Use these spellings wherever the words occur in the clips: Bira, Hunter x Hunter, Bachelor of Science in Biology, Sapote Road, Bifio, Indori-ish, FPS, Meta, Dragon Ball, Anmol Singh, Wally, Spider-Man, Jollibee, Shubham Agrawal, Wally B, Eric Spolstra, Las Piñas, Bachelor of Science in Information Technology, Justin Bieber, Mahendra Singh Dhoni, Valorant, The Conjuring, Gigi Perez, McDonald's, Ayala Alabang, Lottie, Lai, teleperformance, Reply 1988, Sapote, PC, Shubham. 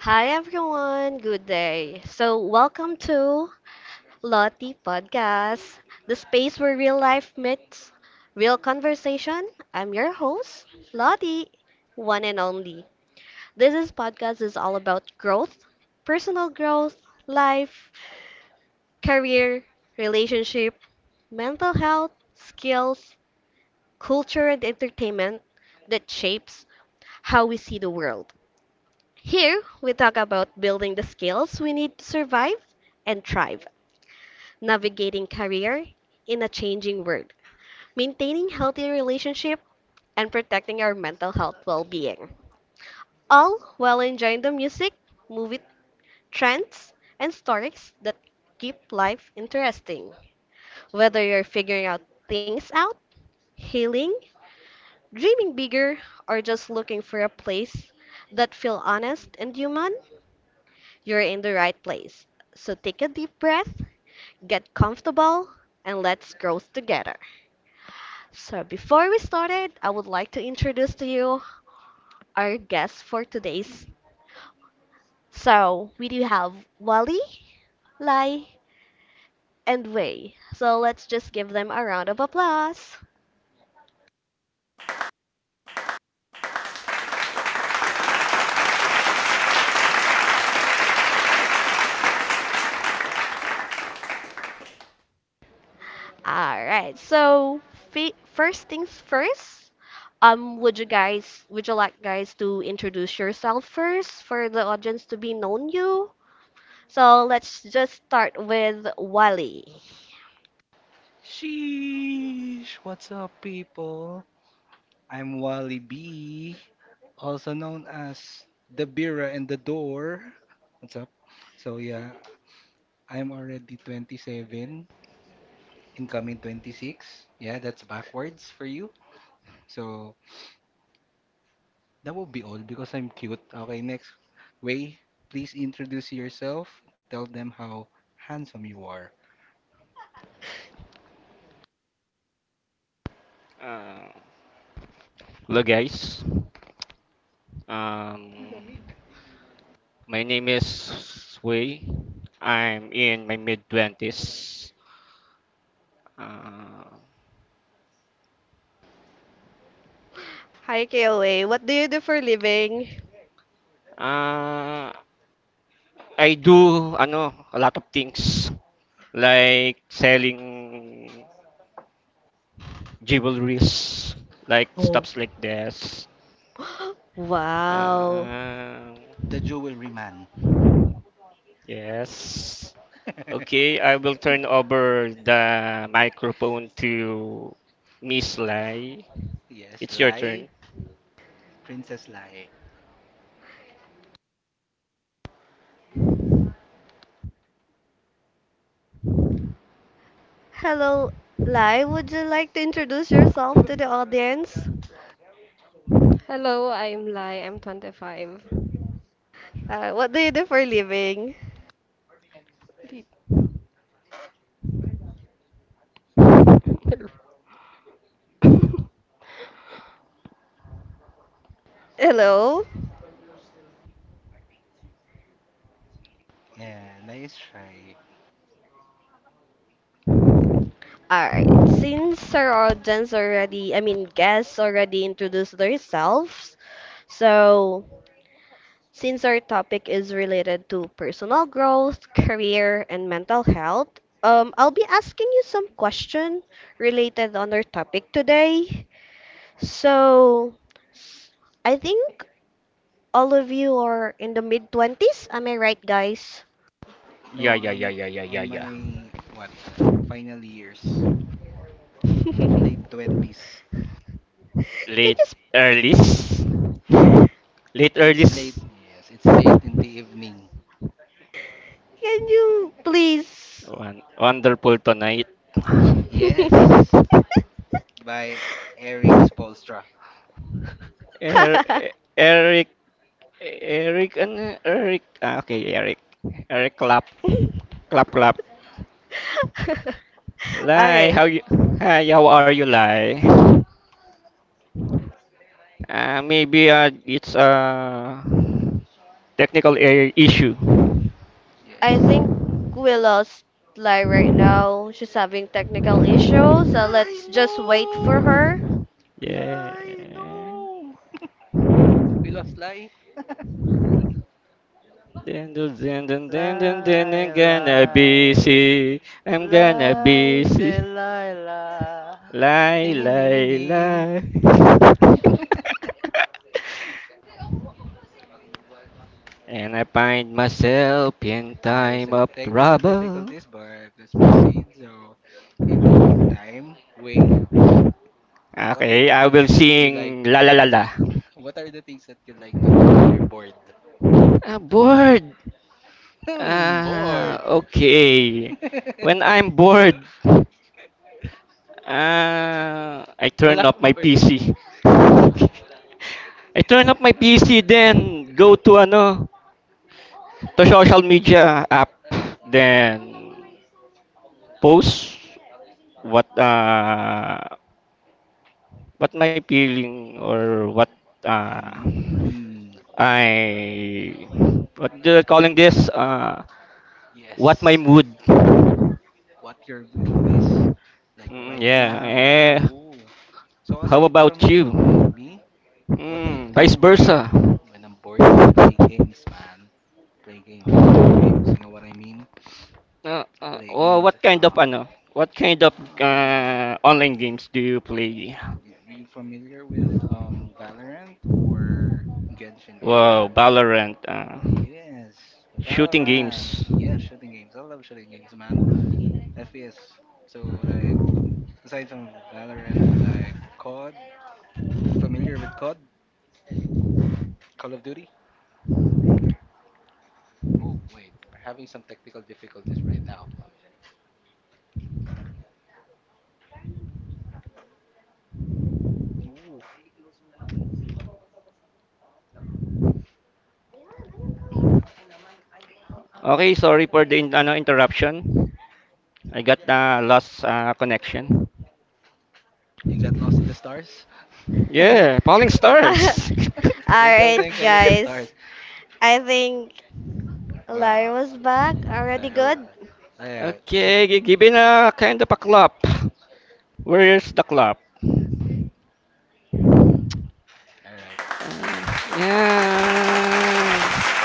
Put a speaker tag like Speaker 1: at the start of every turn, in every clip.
Speaker 1: Hi everyone, good day. Welcome to Lottie Podcast, the space where real life meets real conversation. I'm your host, Lottie, one and only. This is podcast is all about growth, personal growth, life, career, relationship, mental health, skills, culture and entertainment that shapes how we see the world. Here, we talk about building the skills we need to survive and thrive, navigating career in a changing world, maintaining healthy relationship, and protecting our mental health well-being. All while enjoying the music, movie trends, and stories that keep life interesting. Whether you're figuring out things out, healing, dreaming bigger, or just looking for a place that feel honest and human, you're in the right place. So take a deep breath, get comfortable, and let's grow together. So before we started, I would like to introduce to you our guests for today's. So we do have Wally, Lai, and Wei. So let's just give them a round of applause. All right. So first things first. Would you guys, would you like guys to introduce yourself first for the audience to be known you? So let's just start with Wally.
Speaker 2: Sheesh, what's up, people? I'm Wally B, also known as the Bira and the Door. What's up? So, yeah, I'm already 27, incoming 26. Yeah, that's backwards for you. So, that will be all because I'm cute. Okay, next. Way, please introduce yourself. Tell them how handsome you are.
Speaker 3: Uh, Hello, guys. Um, my name is Wei. I'm in my mid twenties. Uh,
Speaker 1: Hi, KOA. What do you do for a living?
Speaker 3: uh, I do ano a lot of things like selling jewelries, like
Speaker 1: Oh,
Speaker 3: stuffs like this.
Speaker 1: wow.
Speaker 2: The
Speaker 3: Um
Speaker 2: jewelry man.
Speaker 3: yes. Okay, I will turn over the microphone to Miss Lai.
Speaker 2: yes,
Speaker 3: It's your
Speaker 2: Lai,
Speaker 3: turn.
Speaker 2: Princess Lai.
Speaker 1: Hello, Lai. Would you like to introduce yourself to the audience?
Speaker 4: Hello, I'm Lai. I'm 25.
Speaker 1: What do you do for a living? Hello?
Speaker 2: Yeah, Lai is shy.
Speaker 1: Alright, since our audience already, I mean, guests already introduced themselves, so since our topic is related to personal growth, career, and mental health, I'll be asking you some question related on our topic today. So I think all of you are in the mid twenties. Am I right, guys?
Speaker 3: Yeah,
Speaker 2: No,
Speaker 3: yeah, yeah,
Speaker 2: I'm
Speaker 3: yeah, yeah, yeah,
Speaker 2: on
Speaker 3: yeah.
Speaker 2: my what? Final years.
Speaker 1: Can
Speaker 2: late 20s.
Speaker 1: you
Speaker 3: Late
Speaker 1: sp-
Speaker 3: earlies. Late
Speaker 2: It's
Speaker 3: earlies.
Speaker 2: late. Yes, it's late in the evening.
Speaker 1: can you please?
Speaker 3: Wonderful tonight.
Speaker 2: Yes, by Eric Spolstra.
Speaker 3: Eric, Eric, ano? Eric. Ah, okay, Eric. Eric, clap, clap, clap. Lai,
Speaker 1: Okay,
Speaker 3: how you? Hi, how are you, Lai? Maybe it's a technical issue.
Speaker 2: Yes.
Speaker 1: I think we lost Lai right now. She's having technical issues, so
Speaker 2: Lai,
Speaker 1: let's just wait for
Speaker 2: no!
Speaker 1: her.
Speaker 2: Lai,
Speaker 3: Yeah.
Speaker 2: no! We lost Lai.
Speaker 3: Dun, dun, dun, dun, dun, dun, I'm
Speaker 2: Lie,
Speaker 3: gonna be
Speaker 2: lie,
Speaker 3: see. I'm gonna be
Speaker 2: lie,
Speaker 3: see.
Speaker 2: Delilah.
Speaker 3: Lie,
Speaker 2: Tingin, ning,
Speaker 3: lie,
Speaker 2: ning.
Speaker 3: lie. And I find myself in
Speaker 2: Aye,
Speaker 3: time
Speaker 2: so
Speaker 3: of
Speaker 2: technical
Speaker 3: trouble.
Speaker 2: difficulties, but let's proceed. So, in the meantime, Wei, what are
Speaker 3: Okay,
Speaker 2: the
Speaker 3: I
Speaker 2: things
Speaker 3: will
Speaker 2: that you like?
Speaker 3: sing La La La La.
Speaker 2: What are the things that you like to do when you're bored?
Speaker 3: Ah, bored.
Speaker 2: Hmm,
Speaker 3: Ah,
Speaker 2: bored.
Speaker 3: okay. When I'm bored, ah, I turn off my
Speaker 2: Blackboard.
Speaker 3: PC. I turn off my PC, then go to ano, to social media app, then post what uh what my feeling or what uh
Speaker 2: Hmm.
Speaker 3: I what do they calling this what my
Speaker 2: Yes.
Speaker 3: mood.
Speaker 2: What your mood is. Like right
Speaker 3: Yeah.
Speaker 2: now, yeah.
Speaker 3: Eh,
Speaker 2: Oh. So
Speaker 3: how
Speaker 2: aside
Speaker 3: about
Speaker 2: from
Speaker 3: you?
Speaker 2: me, what I
Speaker 3: Mm,
Speaker 2: do
Speaker 3: vice versa.
Speaker 2: when I'm bored, I play games, man. Play games, computer games. You know what I mean? Play
Speaker 3: Oh,
Speaker 2: games.
Speaker 3: what kind of ano? What kind of
Speaker 2: Uh,
Speaker 3: online games do you play?
Speaker 2: you familiar with Valorant or Genshin
Speaker 3: Wow,
Speaker 2: Impact?
Speaker 3: Valorant,
Speaker 2: Yes,
Speaker 3: shooting
Speaker 2: Valorant.
Speaker 3: games.
Speaker 2: Yeah, shooting games. I love shooting games, man. FPS. So like, aside from Valorant, like COD. Familiar with COD? Call of Duty? Oh wait, we're having some technical difficulties right now. Ooh,
Speaker 3: Okay, sorry for the ano interruption. I got lost connection.
Speaker 2: you got lost in the stars? Tinkle
Speaker 3: Yeah, Falling Stars.
Speaker 1: Alright,
Speaker 2: tinkle little stars.
Speaker 1: guys. I think Lai
Speaker 2: Wow.
Speaker 1: was back. Already
Speaker 2: Alright.
Speaker 1: good.
Speaker 2: Alright. So,
Speaker 3: Okay, given a kind of a clap. Where's the clap?
Speaker 2: alright.
Speaker 3: Yeah.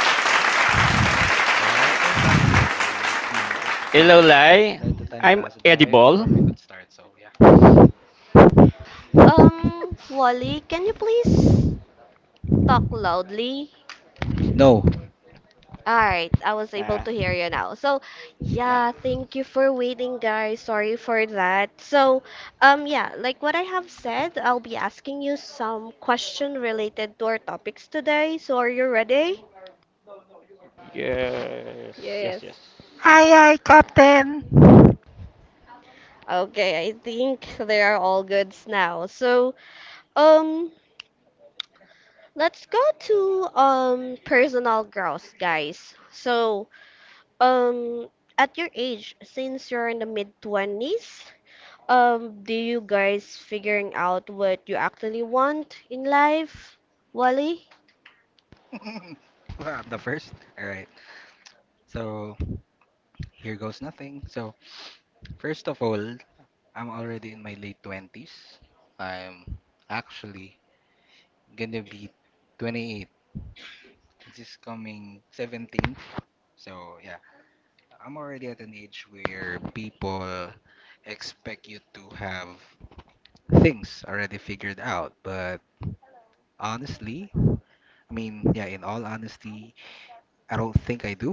Speaker 2: Yeah, I've been talking to Wade, you know,
Speaker 3: Hello,
Speaker 2: just
Speaker 3: Lai.
Speaker 2: to let the time
Speaker 3: I'm
Speaker 2: pass by
Speaker 3: edible.
Speaker 2: before we could start. So, yeah.
Speaker 1: Wally, can you please talk loudly?
Speaker 2: No.
Speaker 1: All right, I was able
Speaker 3: Nah,
Speaker 1: to hear you now. So,
Speaker 3: nah.
Speaker 1: yeah, thank you for waiting, guys. Sorry for that. So, yeah, like what I have said, I'll be asking you some question related to our topics today. So, are you ready?
Speaker 3: Yes,
Speaker 4: Yes.
Speaker 3: yes, yes.
Speaker 1: Okay, I think they are all goods now. So, um, let's go to personal growth, guys. So, um, at your age, since you're in the mid 20s, um, do you guys figuring out what you actually want in life, Wally?
Speaker 2: well, I'm the first. Alright. So, here goes nothing. So, first of all, I'm already in my late 20s. I'm actually gonna be 28. This is coming 17th. So, yeah. I'm already at an age where people expect you to have things already figured out, but honestly, I mean, yeah, in all honesty, I don't think I do.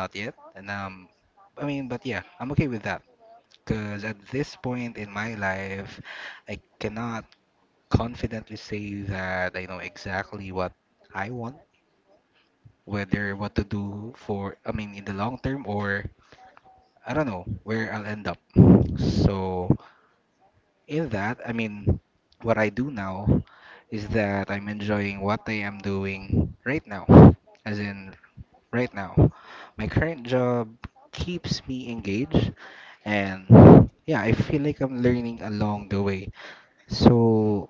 Speaker 2: Not yet. And I mean, but yeah, I'm okay with that because at this point in my life, I cannot confidently say that I know exactly what I want, whether what to do for, I mean, in the long term, or I don't know where I'll end up. So in that, I mean, what I do now is that I'm enjoying what I am doing right now. As in, right now, my current job keeps me engaged, and yeah, I feel like I'm learning along the way. So,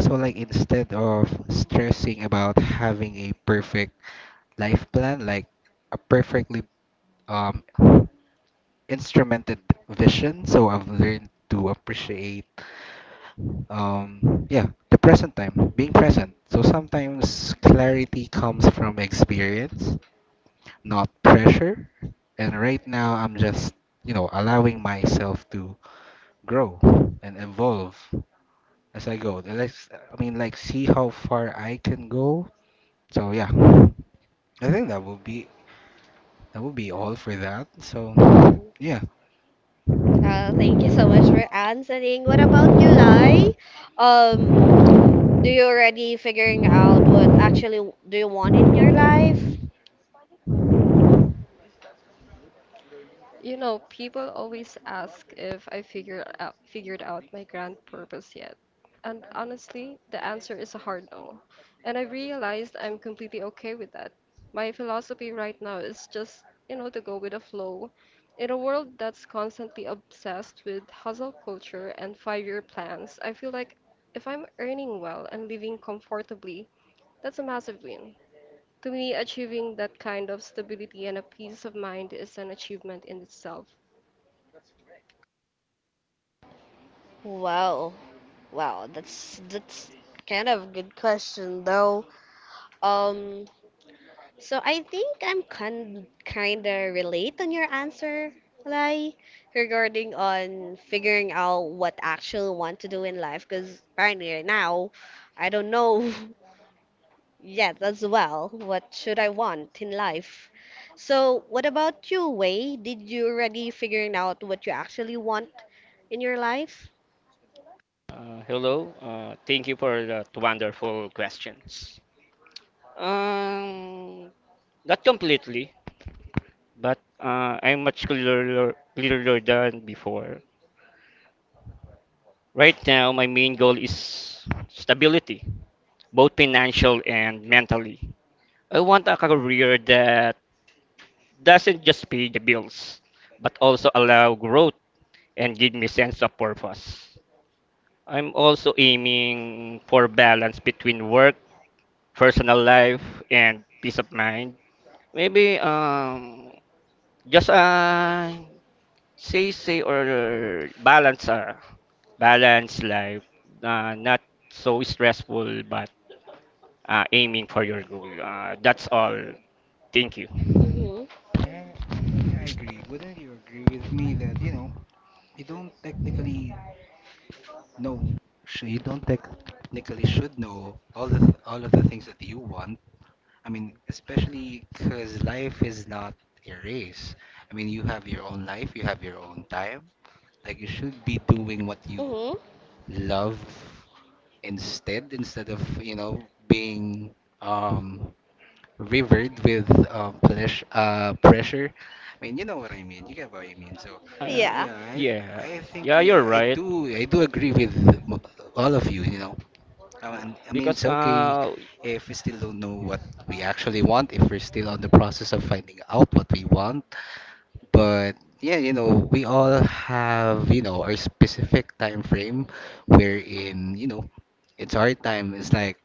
Speaker 2: so like instead of stressing about having a perfect life plan, like a perfectly um, instrumented vision, so I've learned to appreciate yeah the present time, being present. So sometimes clarity comes from experience, not pressure, and right now I'm just, you know, allowing myself to grow and evolve as I go, and let's, I mean, like see how far I can go. So yeah, I think that will be all for that. So
Speaker 1: Mm.
Speaker 2: yeah.
Speaker 1: Thank you so much for answering. What about you, Lai? Um, do you already figuring out what actually do you want in your life?
Speaker 4: You know, people always ask if I figured out my grand purpose yet. And honestly, the answer is a hard no. And I realized I'm completely okay with that. My philosophy right now is just, to go with the flow. In a world that's constantly obsessed with hustle culture and 5-year plans, I feel like if I'm earning well and living comfortably, that's a massive win. To me, achieving that kind of stability and a peace of mind is an achievement in itself.
Speaker 1: Wow, wow, that's kind of a good question though. Um, So I think I'm kinda relate on your answer, like regarding on figuring out what actually want to do in life. Because apparently right now, I don't know yet as well. What should I want in life? So what about you, Wei? Did you already figuring out what you actually want in your life?
Speaker 3: Hello. Thank you for that wonderful questions. Um, Not completely, but I'm much clearer than before. Right now, my main goal is stability, both financial and mentally. I want a career that doesn't just pay the bills, but also allow growth and give me sense of purpose. I'm also aiming for balance between work, personal life, and peace of mind. Maybe just say or balance balance life, not so stressful but aiming for your goal. That's all. Thank you.
Speaker 1: Mhm.
Speaker 2: Yeah, yeah I agree. Wouldn't you agree with me that, you know, we don't technically, no, you don't technically should know all the all of the things that you want. I mean, especially because life is not a race. I mean, you have your own life, you have your own time. Like you should be doing what you
Speaker 1: Mhm.
Speaker 2: love instead of you know being um rivered with pressure. I mean, you know what I mean. You get what I mean. So,
Speaker 3: Uh,
Speaker 1: Yeah.
Speaker 2: yeah, I
Speaker 3: yeah.
Speaker 2: I think
Speaker 3: Yeah, you're
Speaker 2: yeah,
Speaker 3: right.
Speaker 2: I do agree with mo- all of you. You know, I
Speaker 3: Uh,
Speaker 2: mean, I mean,
Speaker 3: because
Speaker 2: it's okay
Speaker 3: uh
Speaker 2: if we still don't know what we actually want, if we're still on the process of finding out what we want. But yeah, you know, we all have, you know, our specific time frame wherein, you know, it's our time. It's like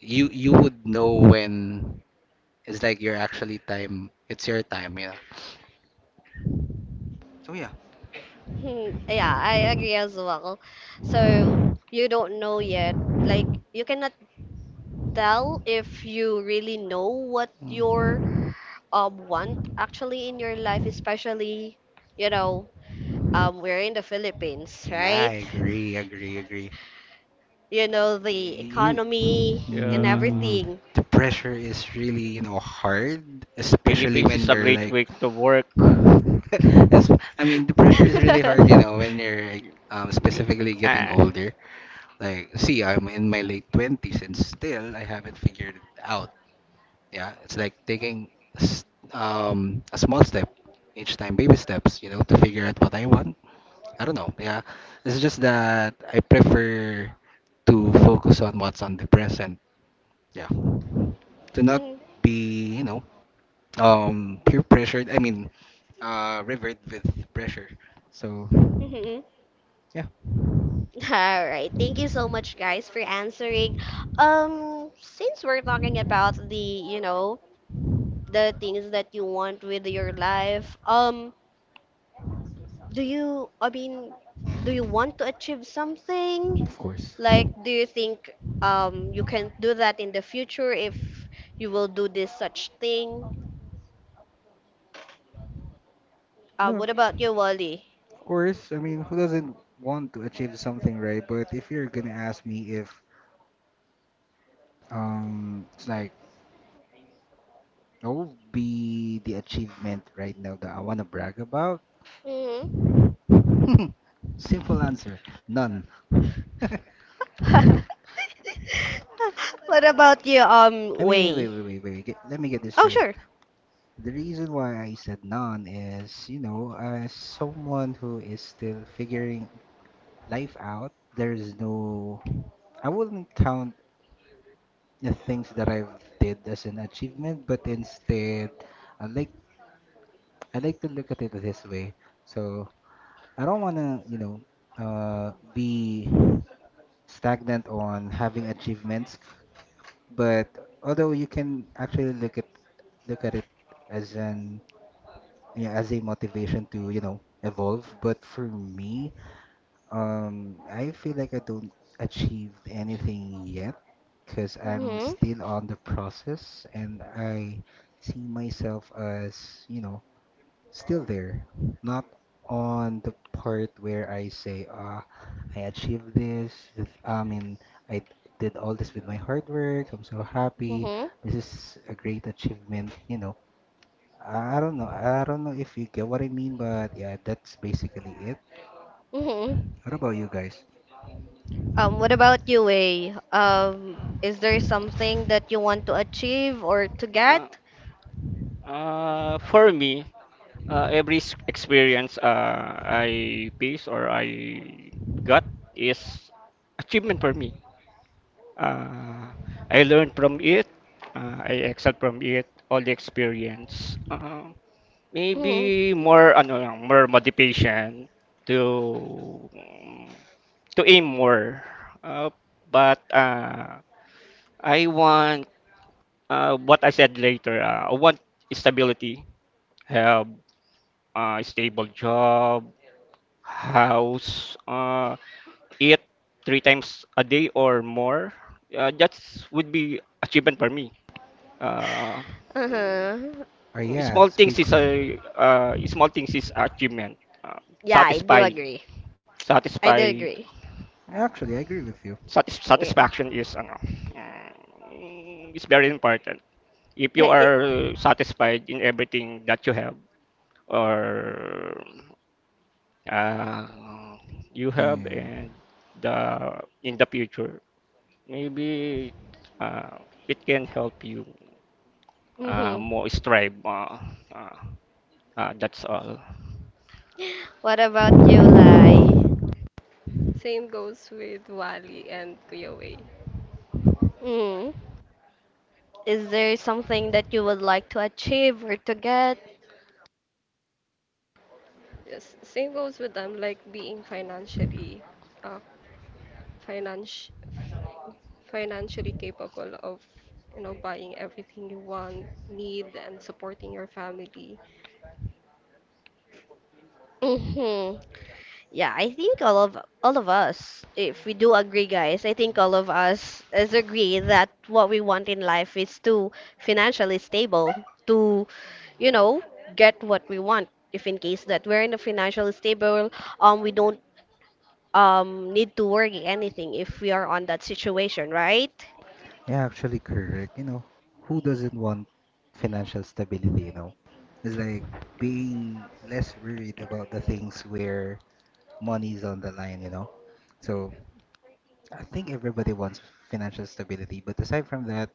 Speaker 2: you would know when it's like your actually time. It's your time, yeah. So yeah.
Speaker 1: Hmm, yeah, I agree as well. So you don't know yet. Like you cannot tell if you really know what your
Speaker 2: Mm.
Speaker 1: want actually in your life, especially, you know, we're in the Philippines,
Speaker 2: Yeah, I
Speaker 1: right?
Speaker 2: agree, agree, agree.
Speaker 1: You know, the
Speaker 2: Y-
Speaker 1: economy and
Speaker 3: yeah,
Speaker 2: mm,
Speaker 1: everything.
Speaker 2: The pressure is really, you know, hard, especially
Speaker 3: Philippines
Speaker 2: when
Speaker 3: is a
Speaker 2: you're
Speaker 3: great
Speaker 2: like,
Speaker 3: way to work.
Speaker 2: I mean, the pressure is really hard, you know, when you're like, specifically getting
Speaker 3: uh,
Speaker 2: older. Like, see, I'm in my late 20s and still I haven't figured it out. Yeah, it's like taking s- a small step each time, baby steps, you know, to figure out what I want, I don't know. Yeah, it's just that I prefer to focus on what's on the present. Yeah, to not be, you know, peer pressured. I mean, rivered with pressure. So
Speaker 1: mhm.
Speaker 2: yeah,
Speaker 1: All right. Thank you so much, guys, for answering. Since we're talking about the, you know, the things that you want with your life, do you, I mean, do you want to achieve something?
Speaker 2: of course.
Speaker 1: Like, do you think you can do that in the future if you will do this such thing?
Speaker 2: No,
Speaker 1: What about you, Wally?
Speaker 2: of course. I mean, who doesn't want to achieve something, right? But if you're gonna ask me if it's like what would be the achievement right now that I wanna brag about?
Speaker 1: Hmm.
Speaker 2: Simple answer, none.
Speaker 1: What about you,
Speaker 2: I mean, wait,
Speaker 1: Wei?
Speaker 2: wait, wait, wait, wait. Let me get this
Speaker 1: Oh,
Speaker 2: straight.
Speaker 1: sure.
Speaker 2: The reason why I said none is, you know, as someone who is still figuring life out, there is no. I wouldn't count the things that I've did as an achievement, but instead, I like I like to look at it this way. So I don't wanna, you know, be stagnant on having achievements. But although you can actually look at it as an, yeah, as a motivation to, you know, evolve. But for me, I feel like I don't achieve anything yet because I'm
Speaker 1: Hmm.
Speaker 2: still on the process, and I see myself as, you know, still there. Not on the part where I say, ah, I achieved this. I mean, I did all this with my hard work. I'm so happy.
Speaker 1: Hmm.
Speaker 2: This is a great achievement. You know, I don't know. I don't know if you get what I mean, but yeah, that's basically it.
Speaker 1: Hmm.
Speaker 2: What about you guys?
Speaker 1: What about you, Wei? Is there something that you want to achieve or to
Speaker 3: uh,
Speaker 1: get?
Speaker 3: For me, every experience I face or I got is achievement for me. Uh, I learned from it. I excel from it. All the experience.
Speaker 1: Hmm.
Speaker 3: Maybe more ano lang, more motivation to to aim more. Uh, but I want what I said later. I want stability. Have. Stable job, house, eat three times a day or more, that would be achievement for me. Uh, mm,
Speaker 1: Uh-huh.
Speaker 2: Ah, yeah,
Speaker 3: Small things is
Speaker 2: speaking.
Speaker 3: a small things is achievement. Uh,
Speaker 1: Yeah, I do
Speaker 3: Satisfy,
Speaker 1: agree. I do
Speaker 3: satisfy,
Speaker 1: agree.
Speaker 3: uh,
Speaker 2: Actually, I agree with you.
Speaker 1: Okay.
Speaker 3: satisfaction is ano, uh, is very important. If you
Speaker 1: It,
Speaker 3: are satisfied in everything that you have, or uh, you have
Speaker 2: Yeah.
Speaker 3: and the in the future maybe uh, it can help you
Speaker 1: mm-hmm.
Speaker 3: more strive, uh, that's all.
Speaker 1: What about you, Lai?
Speaker 4: Same goes with Wally and Kuya Wei.
Speaker 1: Mm. Is there something that you would like to achieve or to get?
Speaker 4: Yes, same goes with them, like being financially, uh, financi- financially capable of, buying everything you want, need, and supporting your family.
Speaker 1: Mm-hmm. Yeah, I think all of us, if we do agree, guys, I think all of us is agree that what we want in life is to financially stable, to, you know, get what we want. If in case that we're in a financially stable, we don't need to worry anything if we are on that situation, right?
Speaker 2: Yeah, actually correct. You know, who doesn't want financial stability, you know? It's like being less worried about the things where money's on the line, you know? So I think everybody wants financial stability. But aside from that,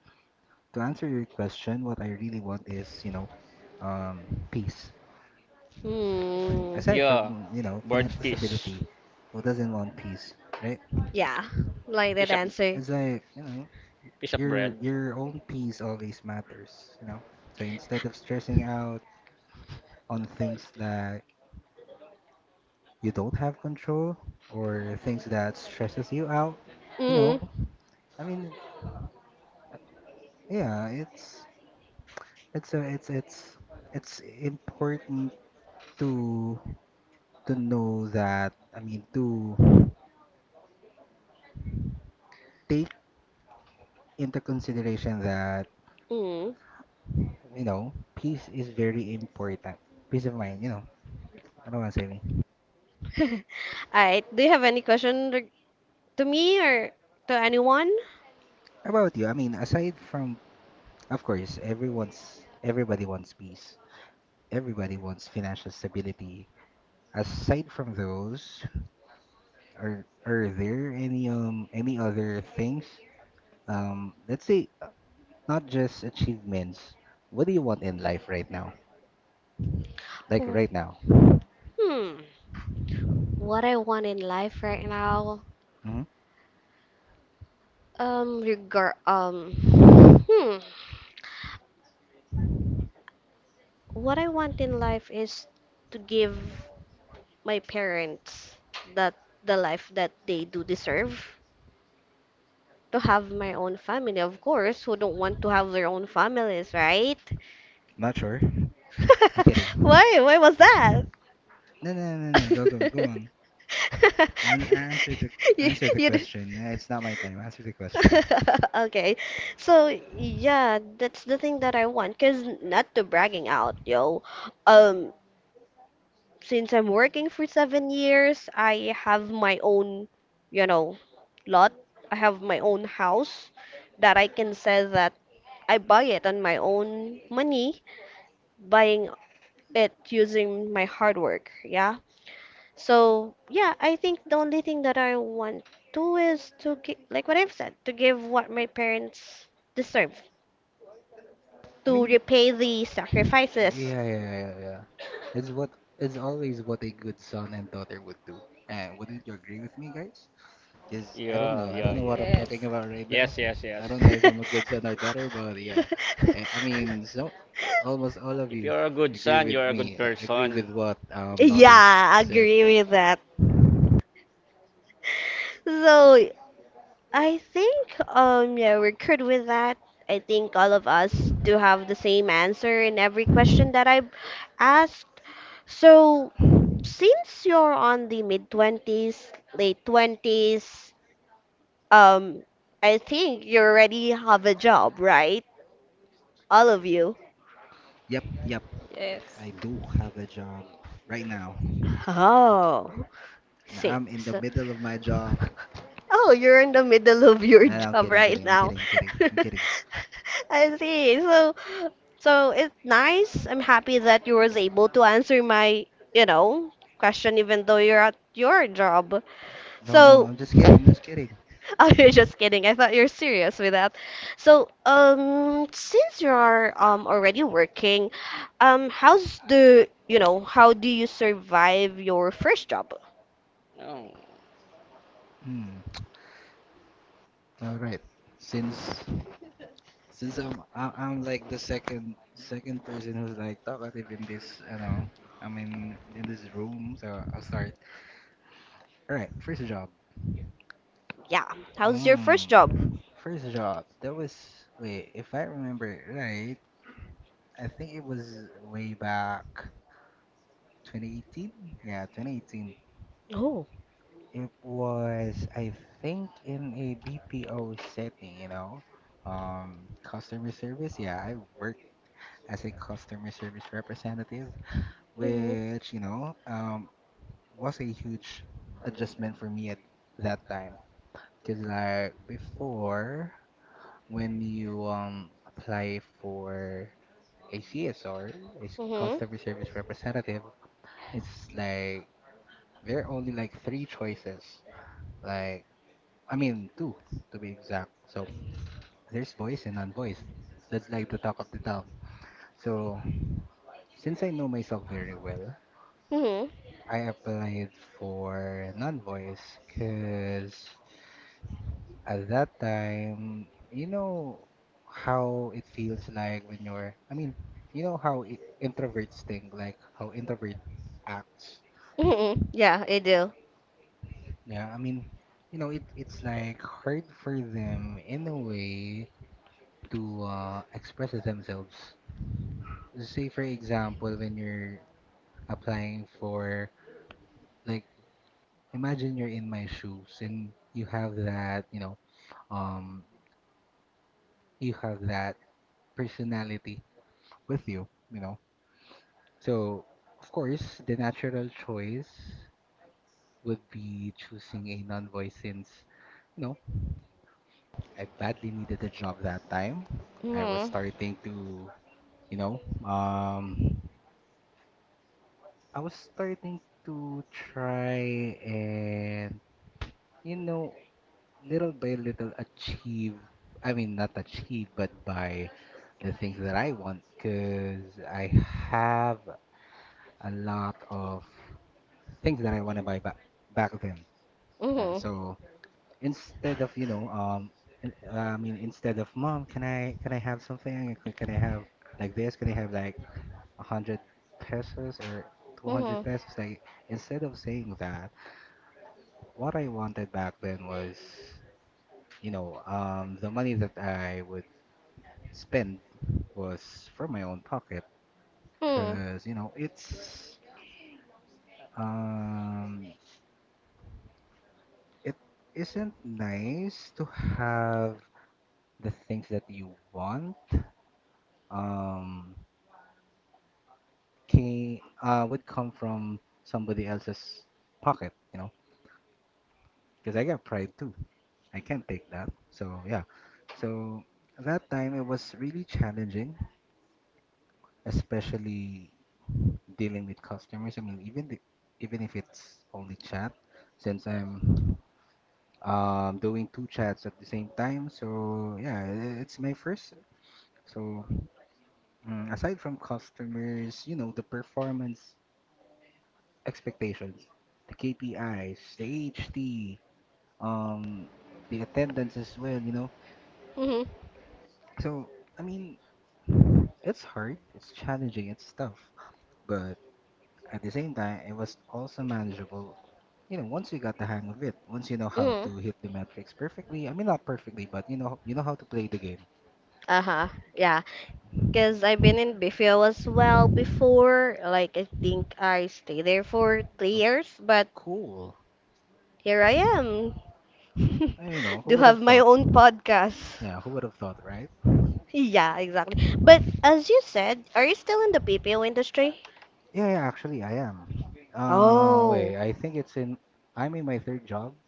Speaker 2: to answer your question, what I really want is, you know, peace.
Speaker 1: Hmm.
Speaker 2: Aside
Speaker 3: Yeah,
Speaker 2: from, you know,
Speaker 3: bird
Speaker 2: financial
Speaker 3: piece,
Speaker 2: stability, who doesn't want peace, right?
Speaker 1: Yeah, like that
Speaker 3: piece of,
Speaker 1: answer.
Speaker 2: It's like, you know,
Speaker 3: piece of
Speaker 2: your
Speaker 3: bread.
Speaker 2: your own peace always matters, you know? So instead of stressing out on things that you don't have control, or things that stresses you out, you
Speaker 1: Mm.
Speaker 2: know, I mean, yeah, it's it's important to to know that, I mean, to take into consideration that,
Speaker 1: Mm.
Speaker 2: you know, peace is very important. Peace of mind, you know. I don't want to say me.
Speaker 1: All right. Do you have any question to me or to anyone?
Speaker 2: How about you? I mean, aside from, of course, everyone's, everybody wants peace, everybody wants financial stability, aside from those, are there any other things? Let's say not just achievements. What do you want in life right now? Like
Speaker 1: Hmm.
Speaker 2: right now?
Speaker 1: Hmm. What I want in life right now,
Speaker 2: hmm
Speaker 1: regard, hmm, what I want in life is to give my parents that the life that they do deserve. To have my own family, of course. Who don't want to have their own families, right?
Speaker 2: Not sure. I'm kidding.
Speaker 1: Why? Why was that?
Speaker 2: No, no, no, no. Go, go, go on. And
Speaker 1: you,
Speaker 2: answer the
Speaker 1: you d-
Speaker 2: question. It's not my time. Answer the question.
Speaker 1: okay. So yeah, that's the thing that I want. Cause not to bragging out, yo. Um, since I'm working for 7 years, I have my own, you know, lot. I have my own house that I can say that I buy it on my own money buying it using my hard work. Yeah. So yeah, I think the only thing that I want to is to give, like what I've said, to give what my parents deserve,
Speaker 2: I
Speaker 1: to
Speaker 2: mean,
Speaker 1: repay the sacrifices.
Speaker 2: yeah. It's what, it's always what a good son and daughter would do. And wouldn't you agree with me, guys? Because I don't
Speaker 3: Yeah,
Speaker 2: know. I
Speaker 3: yeah,
Speaker 2: don't know
Speaker 3: yeah.
Speaker 2: what I'm talking
Speaker 4: Yes,
Speaker 2: about right
Speaker 3: Yes,
Speaker 2: now.
Speaker 3: yes,
Speaker 2: I
Speaker 3: yes.
Speaker 2: don't know if I'm a good son or daughter, but yeah. I mean, so almost all of
Speaker 3: If
Speaker 2: you
Speaker 3: you're a good
Speaker 2: agree
Speaker 3: son,
Speaker 2: with
Speaker 3: you're a good
Speaker 2: me. Agree
Speaker 3: person.
Speaker 2: with what Lottie
Speaker 1: yeah, I
Speaker 2: said.
Speaker 1: agree with that. So I think yeah we're good with that. I think all of us do have the same answer in every question that I've asked. So since you're on the mid 20s, late 20s, um, I think you already have a job, right? All of you.
Speaker 2: Yep, yep.
Speaker 4: yes,
Speaker 2: I do have a job right now.
Speaker 1: Oh,
Speaker 2: And
Speaker 1: see.
Speaker 2: I'm in
Speaker 1: So,
Speaker 2: the middle of my job.
Speaker 1: oh, you're in the middle of your
Speaker 2: No, no, I'm
Speaker 1: job
Speaker 2: kidding,
Speaker 1: right
Speaker 2: kidding. I'm
Speaker 1: now.
Speaker 2: kidding, kidding. I'm kidding.
Speaker 1: I see. So, so it's nice. I'm happy that you was able to answer my, you know, question even though you're at your job.
Speaker 2: No,
Speaker 1: So,
Speaker 2: no, I'm just kidding. I'm just kidding.
Speaker 1: oh, you're just kidding. I thought you're serious with that. So, since you are already working, how's the you know how do you survive your first job?
Speaker 3: Oh,
Speaker 2: Hmm. All right. Since Since I'm like the second person who's like talkative in this, you know, I mean in this room, so I'll start. All right, first job.
Speaker 1: Yeah, how's your first job?
Speaker 2: Um, first job. That was, wait, if I remember it right, I think it was way back 2018. Yeah, 2018.
Speaker 1: Oh.
Speaker 2: It was, I think, in a BPO setting, you know, customer service. Yeah, I worked as a customer service representative,
Speaker 1: Mhm.
Speaker 2: which, you know, was a huge adjustment for me at that time. Cause like before, when you apply for a CSR, a
Speaker 1: Mhm.
Speaker 2: customer service representative, it's like there are only like 3 choices. Like I mean 2 to be exact. So there's voice and non-voice. That's like the talk of the town. So since I know myself very well,
Speaker 1: Mhm.
Speaker 2: I applied for non-voice because at that time, you know how it feels like when you're, I mean, you know how I introverts think, like how introvert acts.
Speaker 1: Mhm. Yeah, I do.
Speaker 2: Yeah, I mean, you know, it's like hard for them in a way to express themselves. Say for example, when you're applying for, like, imagine you're in my shoes and um, you have that personality with you, you know So, of course, the natural choice would be choosing a non-voice since, you know, I badly needed a job that time. I was
Speaker 1: Mhm.
Speaker 2: starting to, you know, um, I was starting to try and, you know, little by little achieve, I mean, not achieve, but by the things that I want, because I have a lot of things that I want to buy back then. Uh,
Speaker 1: Mhm.
Speaker 2: so, instead of I mean, instead of, "Mom, can I have something, can I have like this, can I have like 100 pesos or
Speaker 1: Mhm.
Speaker 2: 200 pesos," like, instead of saying that, what I wanted back then was, the money that I would spend was from my own pocket,
Speaker 1: Mhm.
Speaker 2: because it's um it isn't nice to have the things that you want um came, would come from somebody else's pocket, because I got pride too. I can't take that. So yeah, so that time it was really challenging, especially dealing with customers. I mean, even the, even if it's only chat, since I'm doing two chats at the same time. So yeah, it's my first. So aside from customers, the performance expectations, the KPIs, the HT, um, the attendance as well.
Speaker 1: Mhm.
Speaker 2: So, I mean, it's hard, it's challenging, it's tough, but at the same time, it was also manageable. You know, once you got the hang of it, once how
Speaker 1: Mhm.
Speaker 2: to hit the metrics perfectly, I mean, not perfectly, but you know how to play the game.
Speaker 1: Uh-huh. Yeah. Because I've been in Bifio as well before. Like, I think I stayed there for three
Speaker 2: Oh,
Speaker 1: years, but
Speaker 2: cool.
Speaker 1: here I am.
Speaker 2: You know,
Speaker 1: Do
Speaker 2: who would
Speaker 1: have
Speaker 2: have
Speaker 1: my
Speaker 2: thought?
Speaker 1: own podcast.
Speaker 2: Yeah, who would have thought, right?
Speaker 1: Yeah, exactly. But as you said, are you still in the PPO industry?
Speaker 2: Yeah, yeah, actually, I am.
Speaker 1: Oh.
Speaker 2: Wait, I think it's in. I'm in my third job.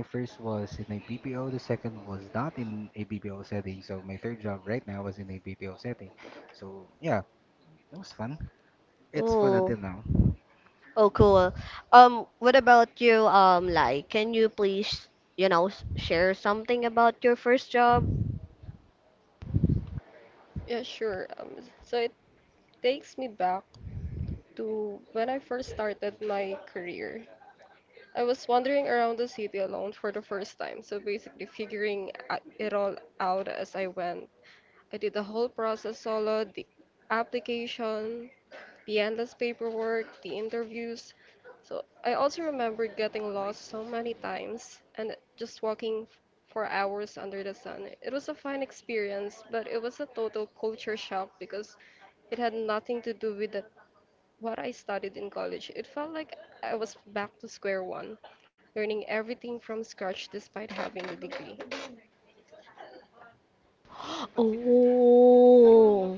Speaker 2: My first was in a BPO. The second was not in a BPO setting. So my third job right now was in a BPO setting. So yeah, it was fun. It's fun
Speaker 1: Oh.
Speaker 2: until now.
Speaker 1: Oh, cool. What about you? Like, can you please, you know, share something about your first job?
Speaker 4: yeah, sure. So it takes me back to when I first started my career. I was wandering around the city alone for the first time, so basically figuring it all out as I went. I did the whole process solo, the application, the endless paperwork, the interviews. So I also remember getting lost so many times and just walking for hours under the sun. It was a fine experience, but it was a total culture shock because it had nothing to do with the what I studied in college. It felt like I was back to square one, learning everything from scratch despite having the degree.
Speaker 1: Oh,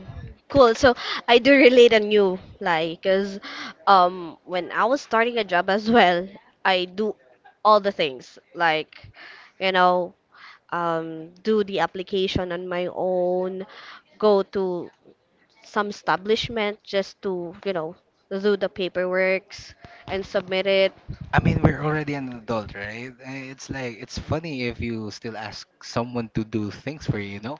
Speaker 1: cool. So I do relate on you, like, cause when I was starting a job as well, I do all the things, like, you know, do the application on my own, go to some establishment just to, you know, do the paperworks and submit it.
Speaker 2: I mean, we're already an adult, right? It's like it's funny if you still ask someone to do things for you, you know?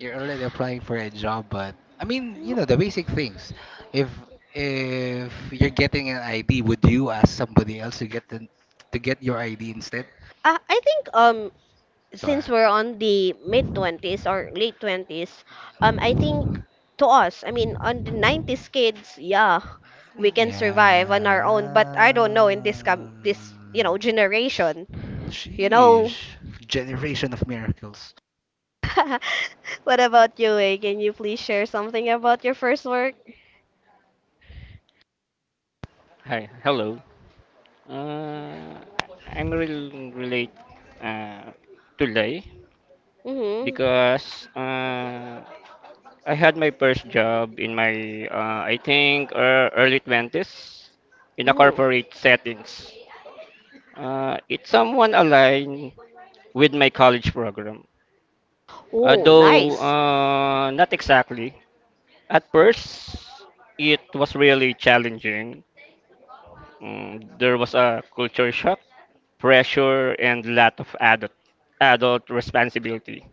Speaker 2: You're already applying for a job, but I mean, you know, the basic things. If you're getting an ID, would you ask somebody else to get the, to get your ID instead?
Speaker 1: I think since
Speaker 2: Diba?
Speaker 1: we're on the mid 20s
Speaker 2: I
Speaker 1: or late 20s, I think to us, I mean, on the 90s kids, yeah, we
Speaker 2: mean,
Speaker 1: can survive on our own. But
Speaker 2: yeah.
Speaker 1: I don't know in this this you know generation, you know.
Speaker 2: Sheesh. Generation of miracles.
Speaker 1: What about you, Wei? Can you please share something about your first work?
Speaker 3: hi, hello. uh, I'm really relate uh, today
Speaker 1: Mhm.
Speaker 3: because I had my first job in my, I think, early 20s in a
Speaker 1: Mhm.
Speaker 3: corporate settings. It's someone aligned with my college program, uh,
Speaker 1: Oh,
Speaker 3: though
Speaker 1: nice.
Speaker 3: uh, not exactly. At first, it was really challenging. Mm, there was a culture shock, pressure, and lot of adult responsibility.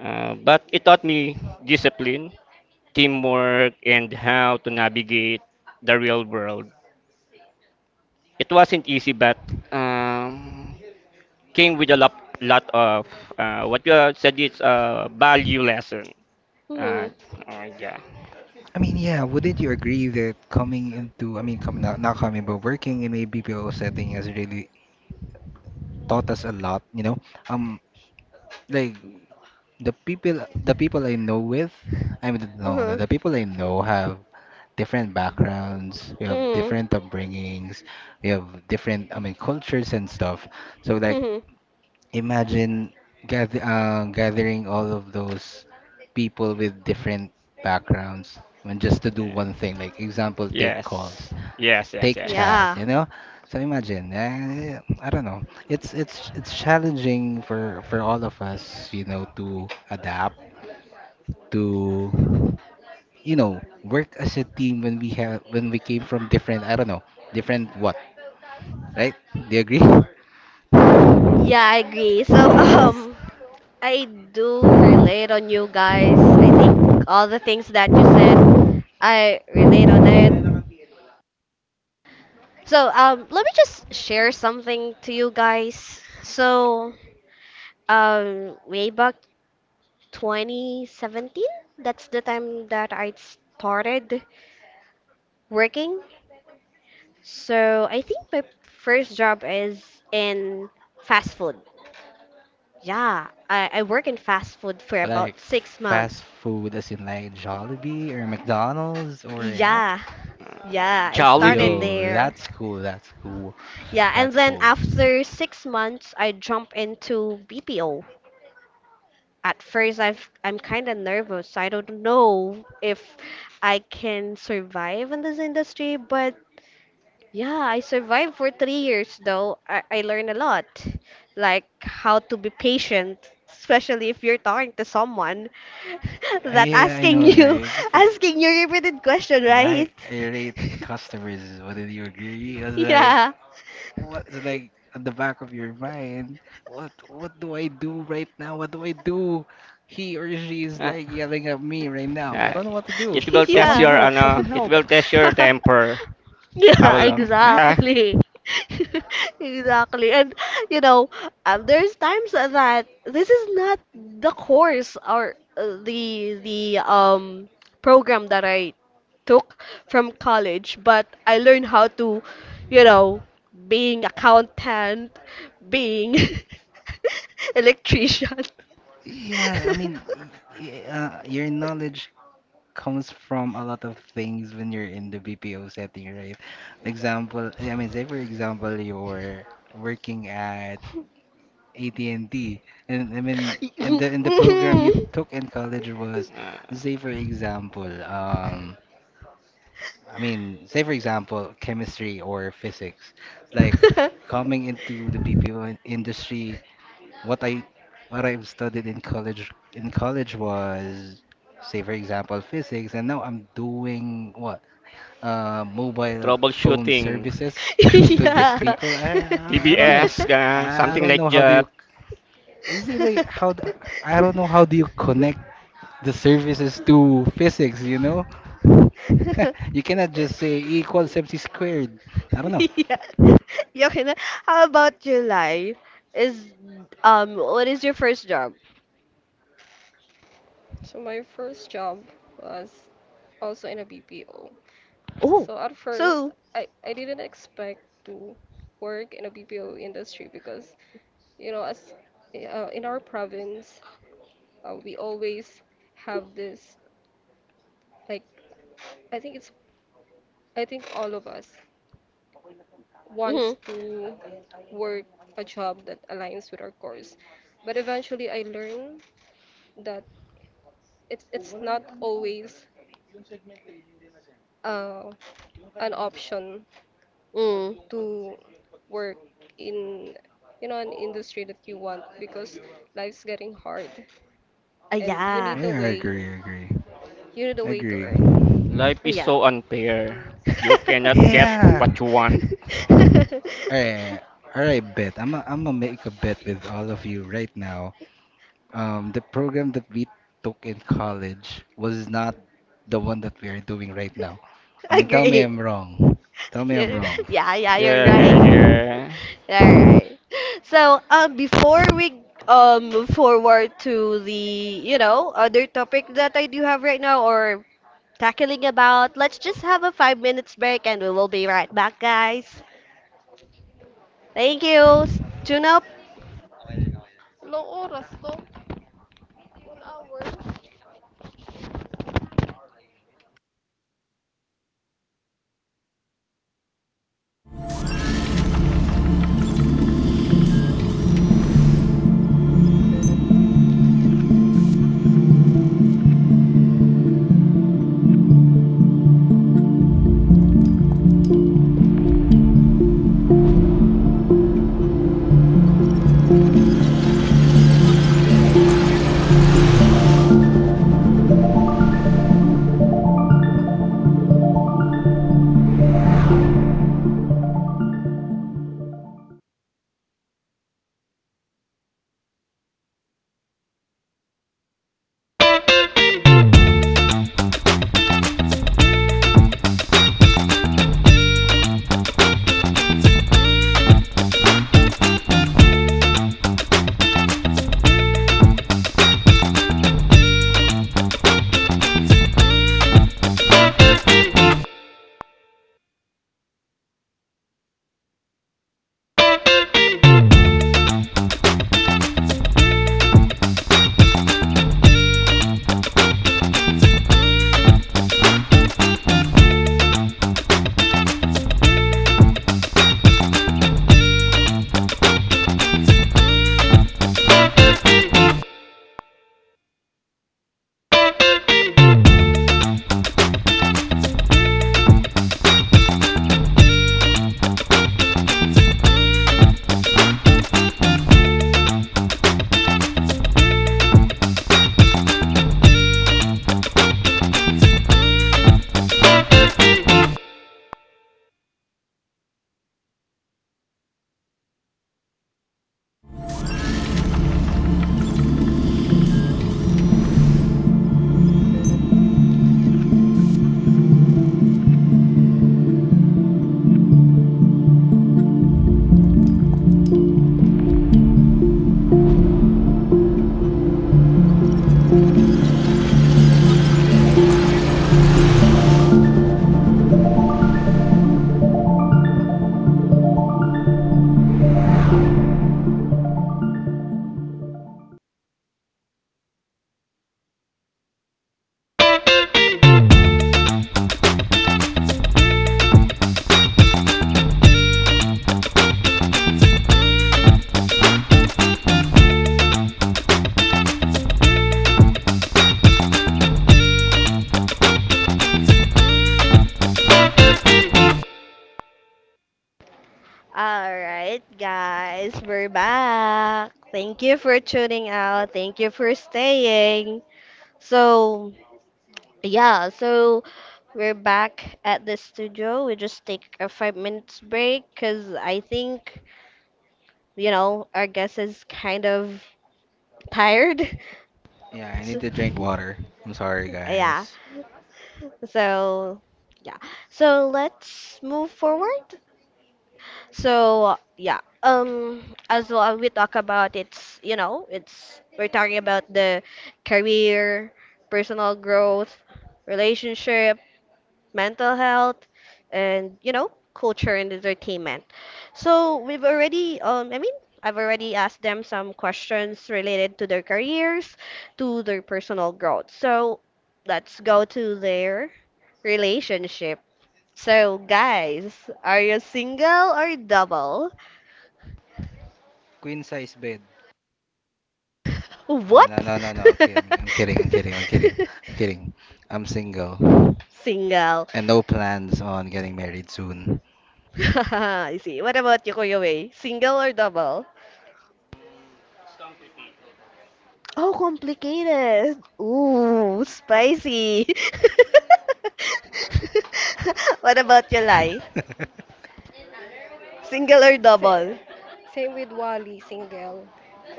Speaker 3: But it taught me discipline, teamwork, and how to navigate the real world. It wasn't easy, but um, came with a lot of what you have said is a value lesson. Uh,
Speaker 1: Mhm.
Speaker 3: oh, yeah.
Speaker 2: I mean, yeah, wouldn't you agree that coming into, I mean, coming, not, not coming, but working in a BPO setting has really taught us a lot, you know? Um, like the people I know with, I mean, no, no,
Speaker 1: Mhm.
Speaker 2: the people I know have different backgrounds, we have
Speaker 1: Mhm.
Speaker 2: different upbringings, we have different, I mean, cultures and stuff. So like,
Speaker 1: Mhm.
Speaker 2: imagine gathering all of those people with different backgrounds, I mean, just to do
Speaker 3: Yeah.
Speaker 2: one thing, like example, take calls.
Speaker 3: Yes. Yes, yes,
Speaker 2: Take charge,
Speaker 3: yes.
Speaker 1: Yeah.
Speaker 2: you know? So imagine, I don't know. It's challenging for all of us, you know, to adapt to, you know, work as a team when we have when we came from different, I don't know, different what, right? Do you agree?
Speaker 1: Yeah, I agree. So,
Speaker 4: Yes.
Speaker 1: I do relate on you guys. I think all the things that you said, I relate on it. So, let me just share something to you guys. So, way back 2017, that's the time that I started working. So, I think my first job is in fast food. Yeah, I work in fast food for
Speaker 2: Like
Speaker 1: about 6 months.
Speaker 2: fast food as in like Jollibee or McDonald's or yeah.
Speaker 1: Yeah, yeah, I started
Speaker 3: Jollibee.
Speaker 2: Yo,
Speaker 1: there.
Speaker 2: that's cool. That's cool.
Speaker 1: Yeah, and
Speaker 2: That's
Speaker 1: then
Speaker 2: cool.
Speaker 1: after 6 months, I jump into BPO. At first, I've I'm kind of nervous. I don't know if I can survive in this industry, but yeah, I survived for 3 years though. I learned a lot, like how to be patient, especially if you're talking to someone
Speaker 2: Yeah,
Speaker 1: that
Speaker 2: yeah, I
Speaker 1: asking
Speaker 2: know,
Speaker 1: you
Speaker 2: right? For,
Speaker 1: asking you repeated question,
Speaker 2: like
Speaker 1: right?
Speaker 2: irate customers, wouldn't you agree? It's like,
Speaker 1: yeah.
Speaker 2: what it's like at the back of your mind, what, do I do right now? What do I do? He or she is
Speaker 3: Uh,
Speaker 2: like yelling at me right now. I
Speaker 3: uh,
Speaker 2: don't know what to do.
Speaker 3: it will test
Speaker 2: Someone
Speaker 1: Yeah.
Speaker 3: your
Speaker 2: help, someone
Speaker 3: ano, it
Speaker 2: help.
Speaker 3: will test your temper. How
Speaker 1: Yeah,
Speaker 3: long? Ah,
Speaker 1: exactly. Exactly. And you know, there's times that this is not the course or the program that I took from college, but I learned how to, you know, being accountant, being electrician.
Speaker 2: Yeah, I mean, your knowledge comes from a lot of things when you're in the BPO setting, right? Example, I mean, say for example, you're working at AT&T. And D. And I mean, and the
Speaker 1: Mhm.
Speaker 2: program you took in college was,
Speaker 3: uh,
Speaker 2: say for example, I mean, say for example, chemistry or physics. Like coming into the BPO industry, what I what I've studied in college was, say for example, physics, and now I'm doing what? Mobile phone
Speaker 3: troubleshooting.
Speaker 2: services to these
Speaker 1: yeah.
Speaker 2: people. I don't know.
Speaker 3: TBS, ganun,
Speaker 2: I
Speaker 3: something
Speaker 2: don't
Speaker 3: like
Speaker 2: know how do you
Speaker 3: that.
Speaker 2: see how the, I don't know how do you connect the services to physics, you know? You cannot just say E equals MC squared. I don't know.
Speaker 1: yeah. Okay. then. How about July? Is what is your first job?
Speaker 4: So my first job was also in a BPO.
Speaker 1: Oh.
Speaker 4: So at first,
Speaker 1: So.
Speaker 4: I didn't expect to work in a BPO industry because, you know, as in our province, we always have this, like, I think it's, I think all of us
Speaker 1: Mhm.
Speaker 4: wants to work a job that aligns with our course. But eventually, I learned that it's not always uh, an option to work in an industry that you want because life's getting hard and
Speaker 1: Yeah.
Speaker 2: Yeah, I agree, I agree.
Speaker 4: you need a
Speaker 2: I
Speaker 4: way to earn.
Speaker 2: agree.
Speaker 3: Life is
Speaker 1: Yeah.
Speaker 3: so unfair. You cannot get
Speaker 2: Yeah.
Speaker 3: what you want.
Speaker 2: All right. All right, bet. I'm gonna make a bet with all of you right now. The program that we took in college was not the one that we are doing right now. I mean, tell me
Speaker 1: Agree.
Speaker 2: I'm wrong. Tell me I'm
Speaker 1: You're-
Speaker 2: wrong.
Speaker 1: yeah, yeah, you're
Speaker 3: Yeah, yeah,
Speaker 1: right.
Speaker 3: yeah.
Speaker 1: All right. So, before we move forward to the, you know, other topic that I do have right now or tackling about, let's just have a 5 minutes break and we will be right back, guys. Thank you. Tune up.
Speaker 4: Long oras to. 1 hour.
Speaker 1: Alright, guys, we're back. Thank you for tuning out. Thank you for staying. So, yeah, so we're back at the studio. We just take a 5 minutes break because I think, you know, our guest is kind of tired.
Speaker 2: Yeah, I need
Speaker 1: So,
Speaker 2: to drink water. I'm sorry,
Speaker 1: yeah,
Speaker 2: guys.
Speaker 1: so, yeah. So let's move forward. So yeah, as well we talk about it's you know it's we're talking about the career, personal growth, relationship, mental health, and culture and entertainment. So we've already I mean I've already asked them some questions related to their careers, to their personal growth. So let's go to their relationship. So guys, are you single or double?
Speaker 2: Queen size bed. No, no,
Speaker 1: What?
Speaker 2: no, no, no. Okay, I'm kidding. I'm kidding. I'm kidding. I'm kidding. I'm single
Speaker 1: Single.
Speaker 2: and no plans on getting married soon.
Speaker 1: I see. What about you, Kuya Wei? Single or double? Oh, complicated. Ooh, spicy. What about you, Lai? Single or
Speaker 4: Sa-
Speaker 1: double?
Speaker 4: same with Wally, single.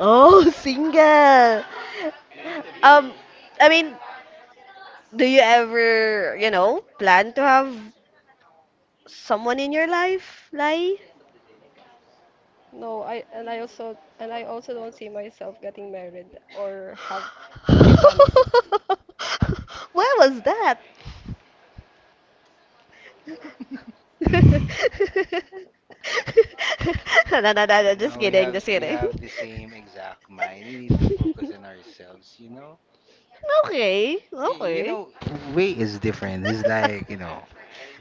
Speaker 1: Oh, single. Um, I mean, do you ever, plan to have someone in your life, Lai?
Speaker 4: No, I and I also don't see myself getting married or have a
Speaker 1: Where
Speaker 4: family.
Speaker 1: was that? No, no, no, no, just
Speaker 2: No,
Speaker 1: kidding, just
Speaker 2: we
Speaker 1: kidding.
Speaker 2: have the same exact mind. We need to focus on ourselves, you know.
Speaker 1: Okay,
Speaker 2: Y- You
Speaker 1: okay.
Speaker 2: know, way is different. It's like you know,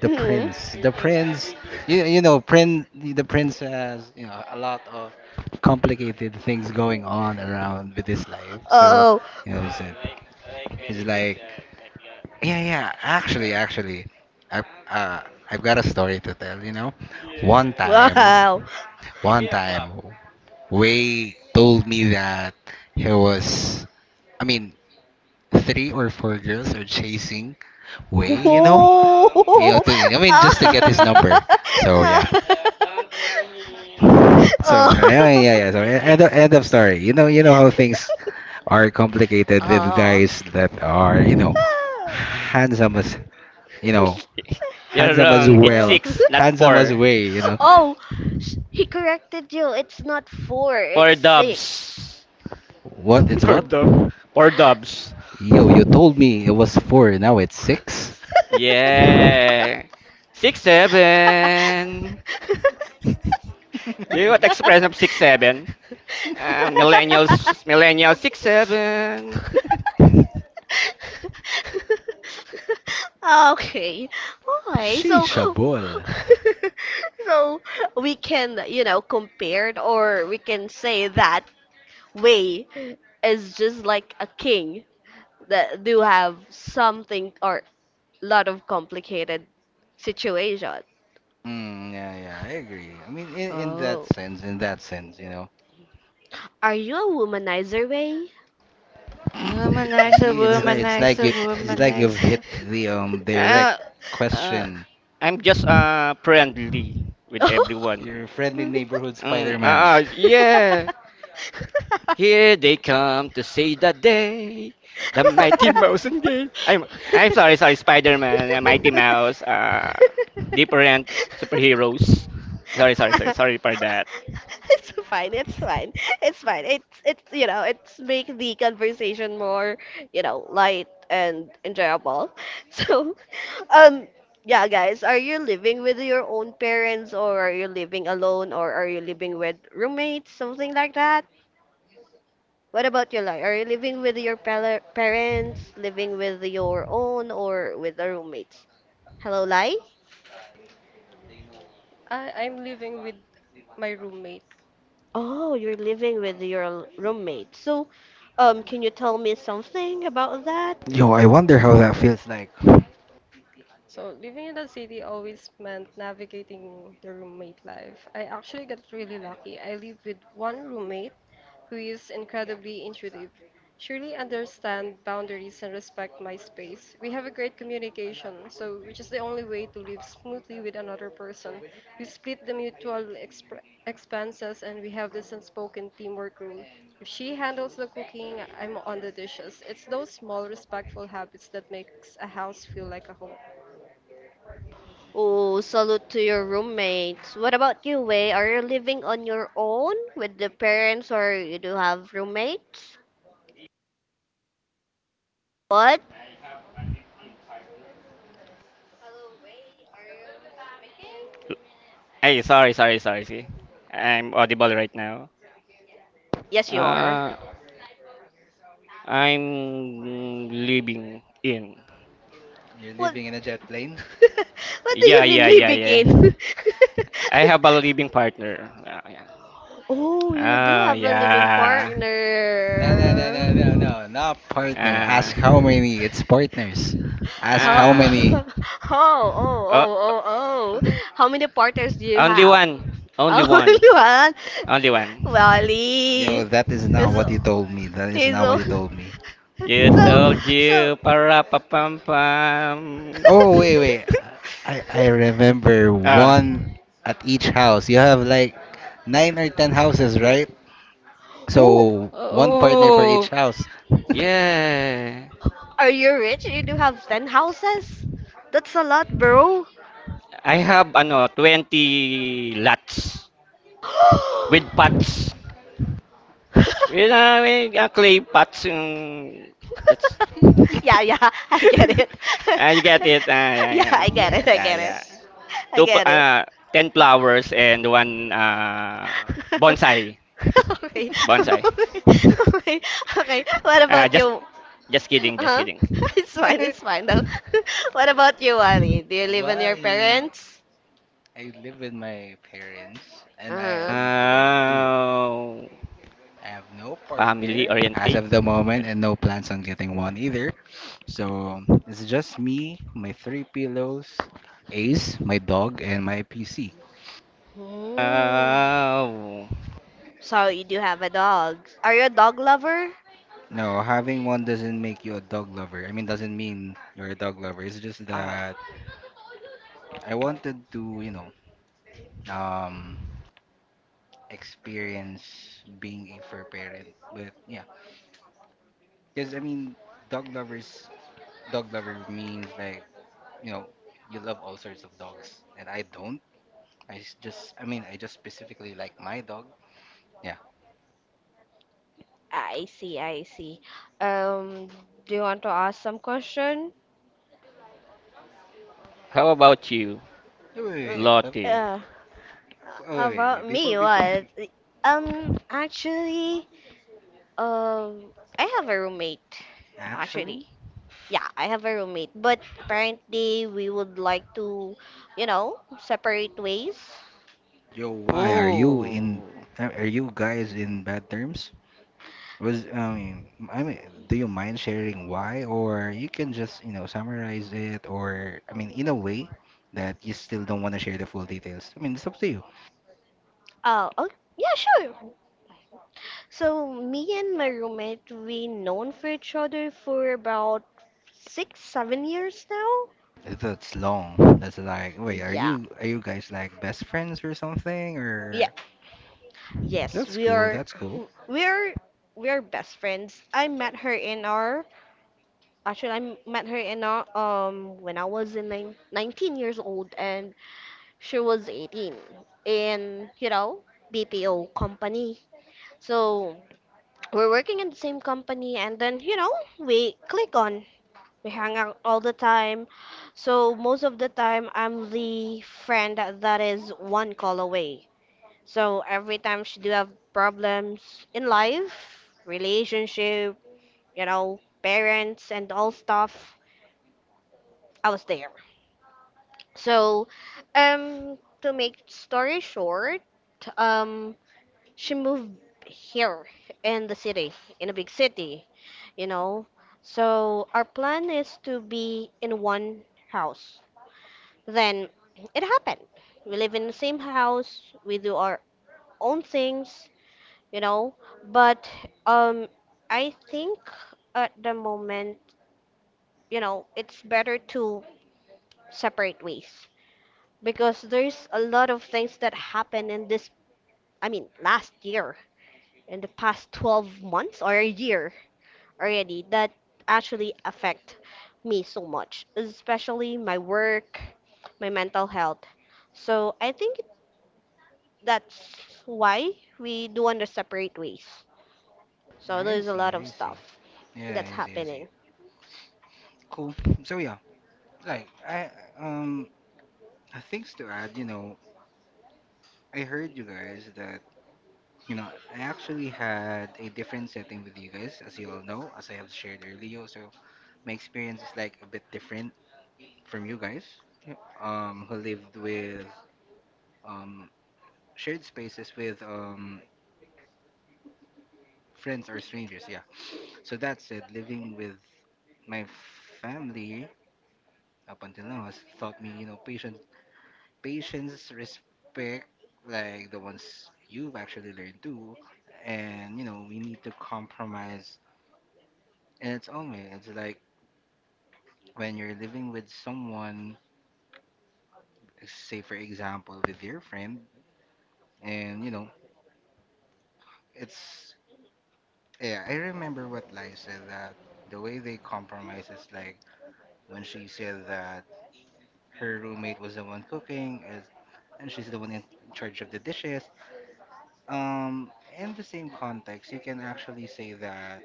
Speaker 2: the
Speaker 1: Hmm.
Speaker 2: prince, the prince. You know, prince. The prince has you know a lot of complicated things going on around with his life. So
Speaker 1: Oh,
Speaker 2: you know, he's a, he's like... Yeah, yeah. Actually, actually, I uh, I've got a story to tell. You know, one time,
Speaker 1: wow.
Speaker 2: one time, Wei told me that he was. I mean, three or four girls are chasing Wei. You know, you know.
Speaker 1: Whoa.
Speaker 2: To, I mean, just to get his number. So yeah. So
Speaker 1: Ah.
Speaker 2: yeah,
Speaker 1: Oh.
Speaker 2: yeah, yeah. So end of story. You know how things are complicated with
Speaker 1: Oh.
Speaker 2: guys that are you know handsome as you know
Speaker 3: You're
Speaker 2: Handsome as
Speaker 3: wrong. It's
Speaker 2: well.
Speaker 1: Oh.
Speaker 3: six, not
Speaker 2: Handsome as
Speaker 3: four.
Speaker 2: way, you know.
Speaker 1: Oh, he corrected you. It's not four,
Speaker 3: Four
Speaker 1: it's six.
Speaker 3: dubs.
Speaker 2: What? It's
Speaker 3: Poor
Speaker 2: what?
Speaker 3: dub. Poor dubs.
Speaker 2: Yo, you told me it was four, now it's six?
Speaker 3: Yeah. 6 7. Do you know what expression of 6 7? Millennials, millennials six
Speaker 1: Oh.
Speaker 3: seven.
Speaker 1: Okay. All right. So,
Speaker 2: Shishabol.
Speaker 1: so we can, compare it, or we can say that Wei is just like a king that do have something or lot of complicated situation.
Speaker 2: Yeah, yeah, I agree. I mean,
Speaker 1: Oh.
Speaker 2: in that sense, you know,
Speaker 1: Are you a womanizer, Wei?
Speaker 3: Womanizer,
Speaker 2: It's like, it's like
Speaker 3: womanizer,
Speaker 2: you, it's like you've
Speaker 3: womanizer.
Speaker 2: hit the direct
Speaker 3: Uh, uh,
Speaker 2: question.
Speaker 3: I'm just friendly with everyone.
Speaker 2: Your friendly neighborhood Spider-Man.
Speaker 3: Yeah. Here they come to say the day, the Mighty Mouse and gay. I'm sorry, sorry, Spider-Man, Mighty Mouse, different superheroes. Sorry, sorry, sorry, sorry for that.
Speaker 1: It's fine. It's fine. It's fine. It's make the conversation more light and enjoyable. So, um, yeah, guys, are you living with your own parents, or are you living alone, or are you living with roommates, something like that? What about your life? Are you living with your parents, living with your own, or with the roommates? Hello, Lai.
Speaker 4: I'm living with my roommate.
Speaker 1: Oh, you're living with your roommate. So, can you tell me something about that?
Speaker 2: Yo, I wonder how that feels like.
Speaker 4: So living in the city always meant navigating the roommate life. I actually got really lucky. I live with one roommate who is incredibly intuitive. She really understands boundaries and respect my space. We have a great communication, which is the only way to live smoothly with another person. We split the mutual expenses and we have this unspoken teamwork rule. If she handles the cooking, I'm on the dishes. It's those small respectful habits that makes a house feel like a home.
Speaker 1: Oh, salute to your roommates. What about you, Wei? Are you living on your own with the parents, or you do have roommates? What?
Speaker 3: Hey, sorry, sorry, sorry. See, I'm audible right now.
Speaker 1: Yes, you are.
Speaker 3: Uh, I'm living in.
Speaker 2: You're
Speaker 1: What? What
Speaker 2: living in a jet plane.
Speaker 1: do you
Speaker 3: Yeah,
Speaker 1: mean
Speaker 3: yeah, yeah,
Speaker 1: living
Speaker 3: yeah.
Speaker 1: in?
Speaker 3: I have a living partner. Yeah.
Speaker 1: Oh, you do
Speaker 3: Oh
Speaker 1: have a living
Speaker 3: yeah.
Speaker 2: No, no, no,
Speaker 1: partner.
Speaker 2: no, no, no. Not partner. Ask how many. It's partners.
Speaker 3: Uh,
Speaker 2: Ask
Speaker 1: How,
Speaker 2: how many.
Speaker 3: uh,
Speaker 1: oh, oh,
Speaker 3: oh,
Speaker 1: oh, oh, oh. How many partners do you
Speaker 3: only
Speaker 1: have?
Speaker 3: one. Only
Speaker 1: Oh,
Speaker 3: one.
Speaker 1: only one.
Speaker 3: Only one.
Speaker 2: Yo,
Speaker 1: Wally.
Speaker 2: that is not
Speaker 1: He's,
Speaker 2: what you told me. That is
Speaker 1: he's
Speaker 2: not what
Speaker 1: so,
Speaker 2: you told me.
Speaker 3: You
Speaker 1: so,
Speaker 3: told
Speaker 1: so.
Speaker 3: you para pa pam pam.
Speaker 2: Oh, wait, wait. I remember
Speaker 3: ah.
Speaker 2: one at each house. You have like 9 or 10 houses, right?
Speaker 1: Oh,
Speaker 2: So one partner for each
Speaker 3: Oh.
Speaker 2: house.
Speaker 3: Yeah.
Speaker 1: are you rich? You do have 10 houses? That's a lot, bro.
Speaker 3: I have ano 20 lots with pots. With clay pots yung that's.
Speaker 1: Yeah, yeah, I get it.
Speaker 3: Ah, you get it. Ah, yeah,
Speaker 1: Yeah,
Speaker 3: yeah.
Speaker 1: I get it, I
Speaker 3: Yeah,
Speaker 1: get it.
Speaker 3: yeah.
Speaker 2: Yes.
Speaker 1: I get it.
Speaker 3: Ano, 10 flowers and one bonsai.
Speaker 1: Okay.
Speaker 3: Bonsai.
Speaker 1: Okay. Okay. Okay. What
Speaker 3: Ah,
Speaker 1: about you?
Speaker 3: just kidding,
Speaker 1: Uh
Speaker 3: just
Speaker 1: Huh?
Speaker 3: kidding.
Speaker 1: It's fine. It's fine though. What about you, Ali? Do you live on
Speaker 2: Well,
Speaker 1: your
Speaker 2: I
Speaker 1: parents?
Speaker 2: I live with my parents and I
Speaker 1: Uh-huh.
Speaker 2: live alone too.
Speaker 3: Uh,
Speaker 2: I have no
Speaker 3: family
Speaker 2: partner as
Speaker 3: oriented.
Speaker 2: of the moment and no plans on getting one either. So it's just me, my three pillows, Ace, my dog, and my PC.
Speaker 1: Hmm.
Speaker 3: Uh,
Speaker 1: So you do have a dog. Are you a dog lover?
Speaker 2: No, having one doesn't make you a dog lover. I mean, doesn't mean you're a dog lover. It's just
Speaker 1: Ah,
Speaker 2: that I wanted to, you know, um, experience being a fur parent. But yeah, because I mean, dog lovers, dog lover means like, you know, you love all sorts of dogs, and I don't. I mean, I just specifically like my dog. Yeah.
Speaker 1: I see. I see. Um, do you want to ask some question?
Speaker 3: how about you,
Speaker 2: Wait, wait,
Speaker 1: Mm,
Speaker 2: wait.
Speaker 3: Lottie?
Speaker 1: Uh,
Speaker 2: Oh, wait, wait,
Speaker 1: about
Speaker 2: wait.
Speaker 1: me,
Speaker 2: Before, before.
Speaker 1: what? Actually, Um, I have a roommate, actually.
Speaker 2: Actually,
Speaker 1: Yeah, I have a roommate, but apparently we would like to, separate ways.
Speaker 2: yo, why are you in?
Speaker 3: Ooh,
Speaker 2: Are you guys in bad terms? Was I mean, do you mind sharing why, or you can just, you know, summarize it, or I mean, in a way that you still don't want to share the full details. I mean, it's up to you.
Speaker 1: Oh, oh, yeah, sure. So me and my roommate, we known for each other for about six, 7 years now.
Speaker 2: That's long. That's like, wait, are
Speaker 1: Yeah,
Speaker 2: you guys like best friends or something?
Speaker 1: yeah,
Speaker 2: Or
Speaker 1: yes,
Speaker 2: that's
Speaker 1: we
Speaker 2: cool.
Speaker 1: are,
Speaker 2: That's cool.
Speaker 1: we are, we are best friends. I met her in our, actually, I met her in our, when I was in nineteen years old, and she was 18 in, BPO company. So we're working in the same company, and then, we click on. We hang out all the time. So most of the time I'm the friend that is one call away. So every time she do have problems in life, relationship, parents and all stuff, I was there. So to make story short, um she moved here in the city, in a big city, you know. So our plan is to be in one house. Then it happened. We live in the same house. We do our own things, you know. But um, I think at the moment, it's better to separate ways because there's a lot of things that happened in this. I mean, last year, in the past 12 months or a year already that actually affect me so much, especially my work, my mental health. So I think that's why we do want to separate ways. So
Speaker 2: I
Speaker 1: there's a
Speaker 2: see.
Speaker 1: lot of
Speaker 2: I see.
Speaker 1: stuff that's
Speaker 2: Yeah, easy,
Speaker 1: happening.
Speaker 2: easy. Cool. So yeah, like I um things to add, you know, I heard you guys that you know I actually had a different setting with you guys, as you all know, as I have shared earlier. So my experience is like a bit different from you guys, yeah, who lived with um shared spaces with friends or strangers. Yeah. So that said, living with my family up until now has taught me, you know, patience. Patience, respect, like the ones you've actually learned too. And you know, we need to compromise in its own way. It's like when you're living with someone, say for example, with your friend, and you know, it's, yeah, I remember what Lai said that the way they compromise is like when she said that her roommate was the one cooking and she's the one in charge of the dishes. Um, in the same context, you can actually say that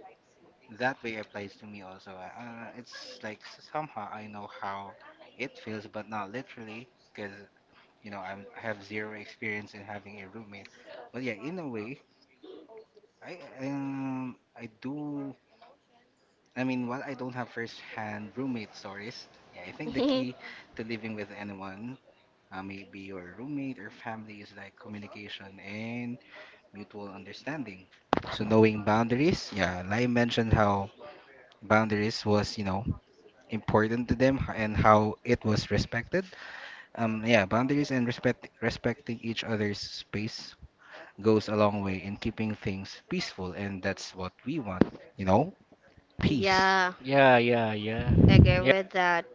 Speaker 2: that way applies to me also. It's like somehow I know how it feels, but not literally, because you know I have zero experience in having a roommate. But yeah, in a way, I do. I mean, while I don't have first-hand roommate stories, yeah, I think the key to living with anyone, maybe your roommate or family, is like communication and mutual understanding. So knowing boundaries, yeah, Lai mentioned how boundaries was, important to them and how it was respected. Yeah, boundaries and respecting each other's space goes a long way in keeping things peaceful, and that's what we want. You know, Peace.
Speaker 1: Yeah,
Speaker 3: yeah, yeah, yeah,
Speaker 1: I agree
Speaker 3: yeah,
Speaker 1: with that.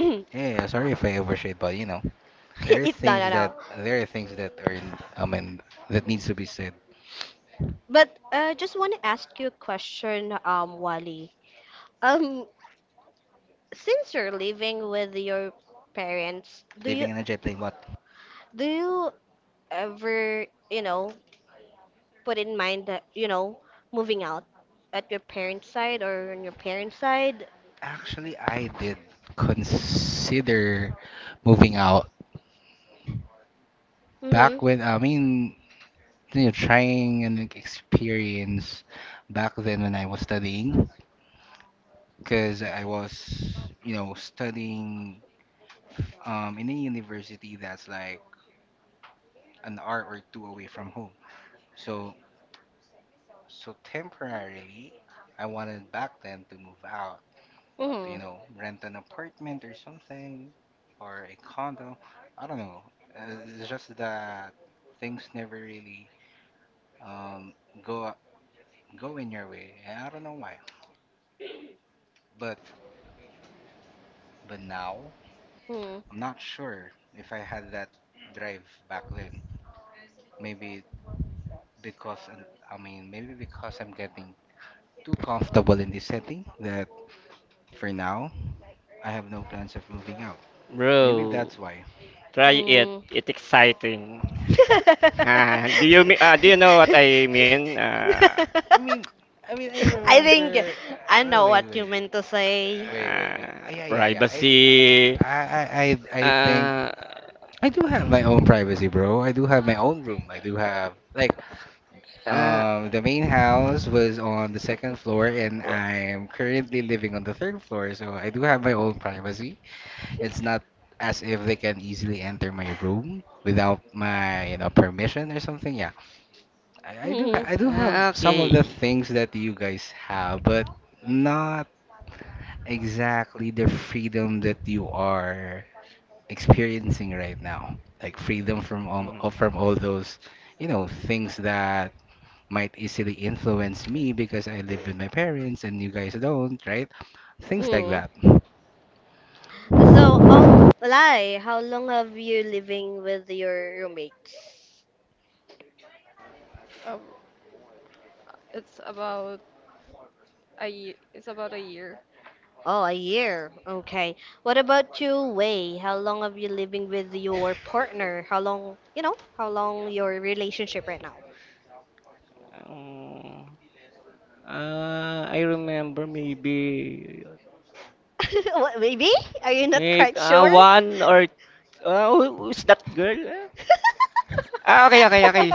Speaker 2: Yeah, yeah, sorry if I overshared, but there are
Speaker 1: It's not
Speaker 2: things
Speaker 1: at
Speaker 2: that
Speaker 1: all.
Speaker 2: there are things that are I mean that needs to be said.
Speaker 1: But just want to ask you a question, Wally. Um, since you're living with your parents,
Speaker 2: Living in a jet plane, what?
Speaker 1: do you ever, put in mind that, moving out at your parents' side or on your parents' side?
Speaker 2: Actually, I did consider moving out
Speaker 1: Mm-hmm.
Speaker 2: back when I mean trying an experience back then when I was studying, because I was, studying in a university that's like an hour or two away from home. So, so temporarily, I wanted back then to move out, to,
Speaker 1: Mm-hmm.
Speaker 2: rent an apartment or something, or a condo. I don't know. Uh, It's just that things never really um, go go in your way. I don't know why, but But now,
Speaker 1: Mm.
Speaker 2: I'm not sure if I had that drive back then. Maybe because I mean, maybe because I'm getting too comfortable in this setting that for now I have no plans of moving out. Maybe
Speaker 3: bro.
Speaker 2: that's why.
Speaker 3: Try it.
Speaker 1: Mm.
Speaker 3: It's exciting. Ah, do you know what I mean?
Speaker 2: I mean, I mean, I think
Speaker 1: I think
Speaker 2: remember.
Speaker 1: I
Speaker 2: I Wait,
Speaker 1: know
Speaker 2: wait,
Speaker 1: what you
Speaker 2: wait,
Speaker 1: meant to say.
Speaker 2: wait, wait, wait. Yeah, yeah, yeah. I,
Speaker 3: Privacy.
Speaker 2: I, I, I, I I think
Speaker 3: Ah,
Speaker 2: I do have my own privacy, bro. I do have my own room. I do have like
Speaker 3: ah,
Speaker 2: The main house was on the second floor, and I'm currently living on the third floor, so I do have my own privacy. It's not as if they can easily enter my room without my, permission or something. Yeah, I do have some of the
Speaker 3: okay.
Speaker 2: things that you guys have, but not exactly the freedom that you are experiencing right now. Like freedom from all,
Speaker 3: Mm.
Speaker 2: from all those, things that might easily influence me because I live with my parents and you guys don't, right? Things like
Speaker 1: Mhm.
Speaker 2: that.
Speaker 1: So, Lai, how long have you living with your roommates?
Speaker 4: Um, it's about it's about a year.
Speaker 1: Oh, a year. Okay. What about you, Wei? How long have you living with your partner? How long your relationship right now?
Speaker 3: Um, I remember maybe,
Speaker 1: What, baby? Are you not
Speaker 3: maybe
Speaker 1: quite sure?
Speaker 3: one or who, who's that girl? Ah, okay, okay, okay.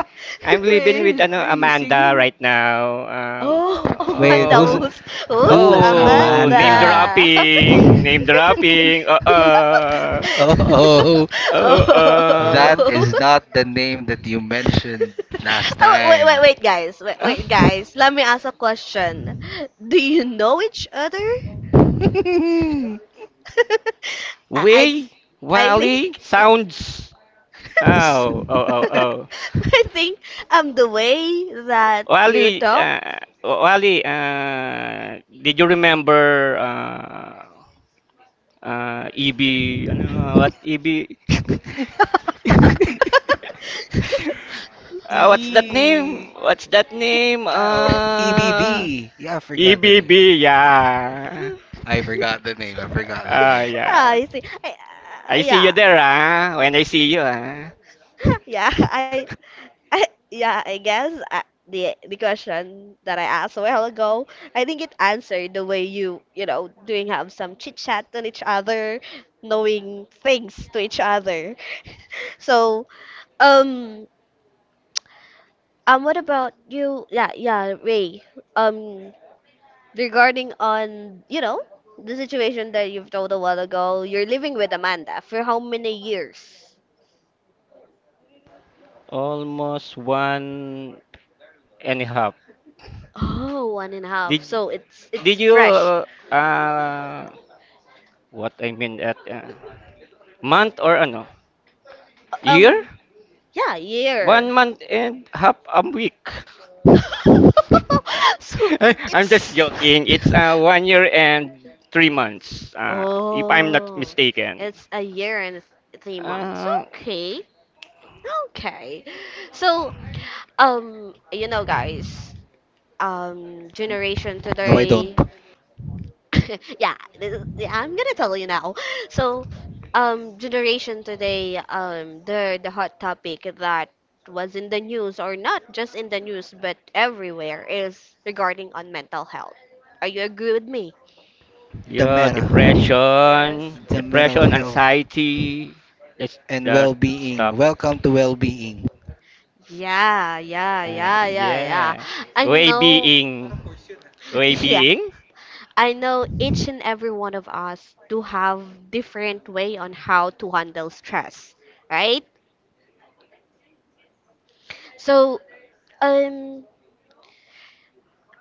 Speaker 3: I'm living with
Speaker 2: Where
Speaker 3: ano
Speaker 2: are you
Speaker 3: Amanda
Speaker 2: singing?
Speaker 3: right now.
Speaker 2: Oh.
Speaker 1: Oh,
Speaker 2: Wait,
Speaker 1: Amanda
Speaker 2: who's
Speaker 3: Oh,
Speaker 1: Us, Us
Speaker 2: who's
Speaker 3: oh, name
Speaker 2: Amanda?
Speaker 1: Amanda.
Speaker 3: dropping, name dropping.
Speaker 2: Oh,
Speaker 3: Uh,
Speaker 2: that
Speaker 3: uh.
Speaker 1: Oh.
Speaker 2: is not the name that you mentioned last
Speaker 1: Oh, wait,
Speaker 2: time.
Speaker 1: wait, wait, guys. Wait,
Speaker 3: Ah,
Speaker 1: wait, guys. Let me ask a question. Do you know each other? I,
Speaker 3: Way,
Speaker 1: I, I
Speaker 3: Wally,
Speaker 1: think.
Speaker 3: sounds. Oh, oh, oh, oh.
Speaker 1: I think the way that
Speaker 3: Oh,
Speaker 1: you
Speaker 3: Ali,
Speaker 1: talk.
Speaker 3: uh, oh, Ali, did you remember EB? Ano, what EB? What's that name?
Speaker 2: Ibi.
Speaker 3: What's that name?
Speaker 2: Oh, EBB. Yeah, I forgot the name.
Speaker 3: EBB, yeah.
Speaker 2: I forgot the name. I forgot the name.
Speaker 3: Yeah.
Speaker 1: I see.
Speaker 3: I see you
Speaker 1: Yeah.
Speaker 3: there, ah. When I see you, ah.
Speaker 1: Yeah, I yeah, I guess the question that I asked a while ago, I think it answered the way you, doing have some chit chat on each other, knowing things to each other. So, um, what about you? Yeah, yeah, Ray. Um, regarding on the situation that you've told a while ago, you're living with amanda for how many years?
Speaker 3: Almost one and a half.
Speaker 1: Oh, one and a half.
Speaker 3: Did
Speaker 1: So it's
Speaker 3: did you
Speaker 1: fresh.
Speaker 3: uh, uh, what I mean at month or ano? Year?
Speaker 1: um yeah, year.
Speaker 3: 1 month and half a week.
Speaker 1: So
Speaker 3: I'm just
Speaker 1: it's.
Speaker 3: joking. It's 1 year and 3 months, if I'm not
Speaker 1: Oh,
Speaker 3: mistaken.
Speaker 1: it's a year and 3 months.
Speaker 3: Uh,
Speaker 1: Okay, okay. So guys, generation
Speaker 2: No, I don't.
Speaker 1: today. Yeah, this, yeah, I'm gonna tell you now. So, generation today, the hot topic that was in the news, or not just in the news but everywhere, is regarding on mental health. Are you agree with me?
Speaker 2: The
Speaker 3: yeah,
Speaker 2: Meta.
Speaker 3: depression,
Speaker 4: Yes.
Speaker 2: The Mental
Speaker 3: depression,
Speaker 2: Health
Speaker 3: anxiety, that's
Speaker 2: and
Speaker 3: that
Speaker 2: Well-Being.
Speaker 3: stuff.
Speaker 2: Welcome to Well-Being.
Speaker 1: Yeah, yeah, yeah, yeah, yeah.
Speaker 3: Yeah,
Speaker 1: I
Speaker 3: way
Speaker 1: know.
Speaker 3: being, way
Speaker 1: Yeah,
Speaker 3: being.
Speaker 1: I know each and every one of us do have different way on how to handle stress, right? So, um,